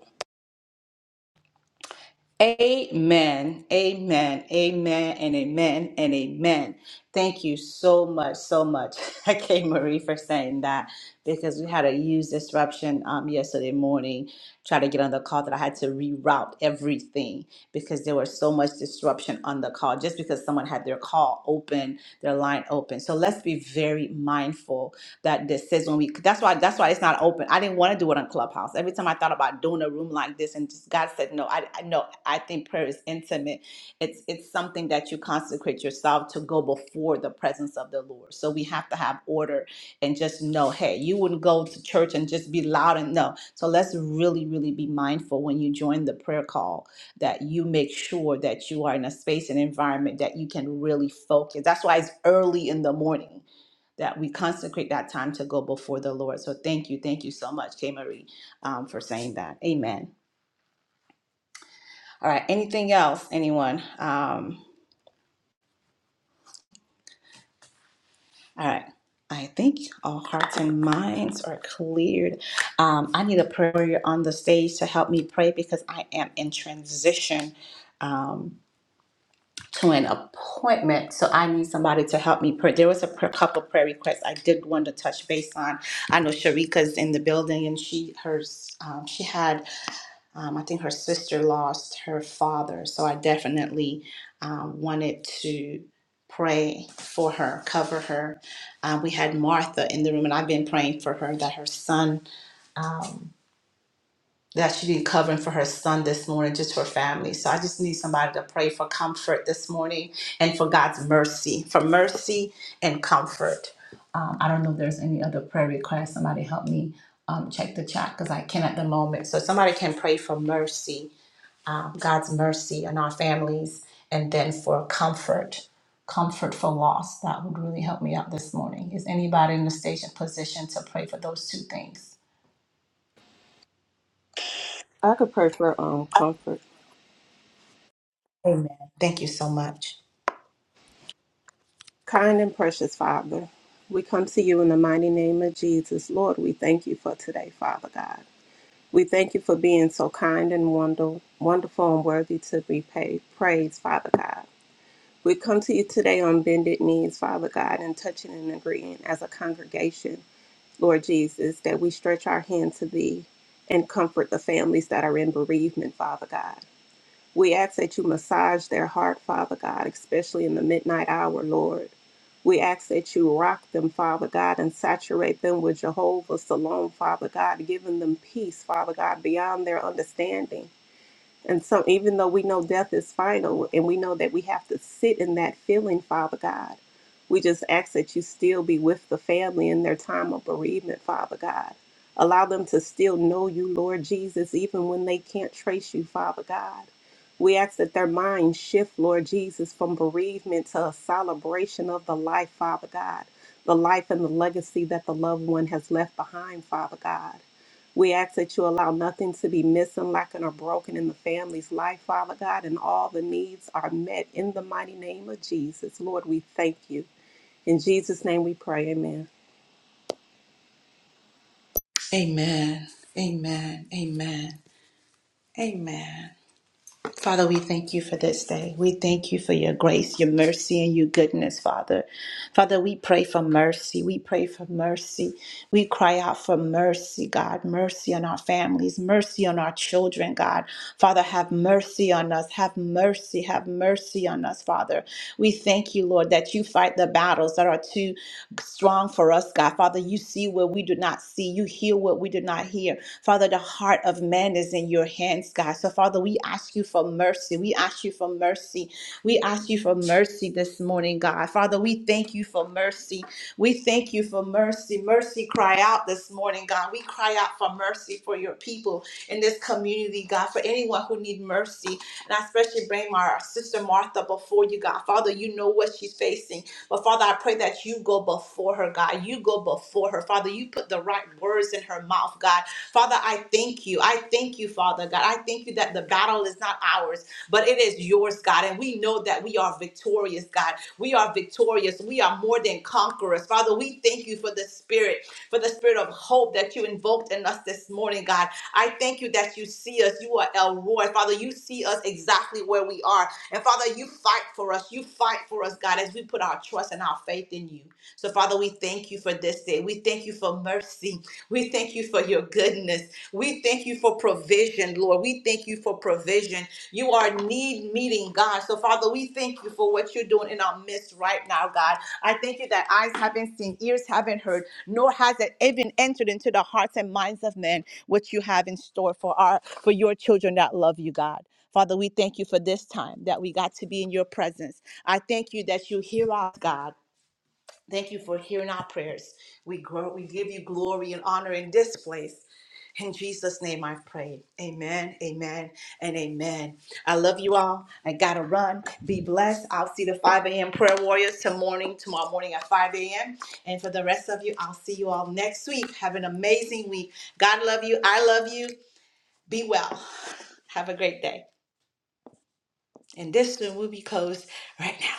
[SPEAKER 1] Amen. Amen. Amen. And amen. And amen. Thank you so much, so much, okay, Marie, for saying that because we had a huge disruption um, yesterday morning. Try to get on the call that I had to reroute everything because there was so much disruption on the call just because someone had their call open, their line open. So let's be very mindful that this says when we that's why that's why it's not open. I didn't want to do it on Clubhouse. Every time I thought about doing a room like this and just God said no, I I- no, I think prayer is intimate. It's it's something that you consecrate yourself to go before the presence of the Lord. So we have to have order and just know, hey, you wouldn't go to church and just be loud and no. So let's really, really be mindful when you join the prayer call that you make sure that you are in a space and environment that you can really focus. That's why it's early in the morning that we consecrate that time to go before the Lord. So thank you, thank you so much, K Marie, um, for saying that. Amen. All right. Anything else, anyone? Um, all right. I think all hearts and minds are cleared. Um, I need a prayer warrior on the stage to help me pray because I am in transition um, to an appointment. So I need somebody to help me pray. There was a pr- couple prayer requests I did want to touch base on. I know Sharika's in the building and she hers um, she had Um, I think her sister lost her father, so I definitely um, wanted to pray for her, cover her. Uh, we had Martha in the room, and I've been praying for her that her son, um, that she be covering for her son this morning, just for family. So I just need somebody to pray for comfort this morning and for God's mercy, for mercy and comfort. Um, I don't know if there's any other prayer request. Somebody help me um, check the chat because I can at the moment. So somebody can pray for mercy um, God's mercy on our families, and then for comfort, comfort for loss. That would really help me out this morning. Is anybody in the station position to pray for those two things?
[SPEAKER 5] I could pray for um comfort.
[SPEAKER 1] Amen. Thank you so much.
[SPEAKER 5] Kind and precious Father, we come to you in the mighty name of Jesus. Lord, we thank you for today, Father God. We thank you for being so kind and wonder, wonderful and worthy to be paid. praised, Father God. We come to you today on bended knees, Father God, and touching and agreeing as a congregation, Lord Jesus, that we stretch our hand to thee and comfort the families that are in bereavement, Father God. We ask that you massage their heart, Father God, especially in the midnight hour, Lord. We ask that you rock them, Father God, and saturate them with Jehovah's Salome, Father God, giving them peace, Father God, beyond their understanding. And so, even though we know death is final and we know that we have to sit in that feeling, Father God, we just ask that you still be with the family in their time of bereavement, Father God. Allow them to still know you, Lord Jesus, even when they can't trace you, Father God. We ask that their minds shift, Lord Jesus, from bereavement to a celebration of the life, Father God, the life and the legacy that the loved one has left behind, Father God. We ask that you allow nothing to be missing, lacking, or broken in the family's life, Father God, and all the needs are met in the mighty name of Jesus. Lord, we thank you. In Jesus' name we pray, amen.
[SPEAKER 1] Amen. Amen. Amen. Amen. Father, we thank you for this day. We thank you for your grace, your mercy, and your goodness, Father. Father, we pray for mercy. We pray for mercy. We cry out for mercy, God. Mercy on our families, mercy on our children, God. Father, have mercy on us. Have mercy. Have mercy on us, Father. We thank you, Lord, that you fight the battles that are too strong for us, God. Father, you see what we do not see. You hear what we do not hear. Father, the heart of man is in your hands, God. So, Father, we ask you for mercy. We ask you for mercy we ask you for mercy this morning, God. Father, we thank you for mercy. We thank you for mercy. Mercy cry out this morning, God. We cry out for mercy for your people in this community, God, for anyone who need mercy. And I especially bring my sister Martha before you, God. Father, you know what she's facing. But Father, I pray that you go before her, God. You go before her. Father, you put the right words in her mouth, God. Father, I thank you. I thank you, Father, God. I thank you that the battle is not ours but it is yours, God. And we know that we are victorious, God. We are victorious. We are more than conquerors. Father, we thank you for the spirit, for the spirit of hope that you invoked in us this morning, God. I thank you that you see us. You are El Roy. Father, you see us exactly where we are. And Father, you fight for us. You fight for us, God, as we put our trust and our faith in you. So, Father, we thank you for this day. We thank you for mercy. We thank you for your goodness. We thank you for provision, Lord. We thank you for provision. You are need meeting, God. So, Father, we thank you for what you're doing in our midst right now, God. I thank you that eyes haven't seen, ears haven't heard, nor has it even entered into the hearts and minds of men what you have in store for our for your children that love you, God. Father, we thank you for this time that we got to be in your presence. I thank you that you hear us, God. Thank you for hearing our prayers. We grow, we give you glory and honor in this place. In Jesus' name I pray. Amen, amen, and amen. I love you all. I gotta run. Be blessed. I'll see the 5 a.m. prayer warriors tomorrow morning, tomorrow morning at 5 a.m. And for the rest of you, I'll see you all next week. Have an amazing week. God love you. I love you. Be well. Have a great day. And this one will be closed right now.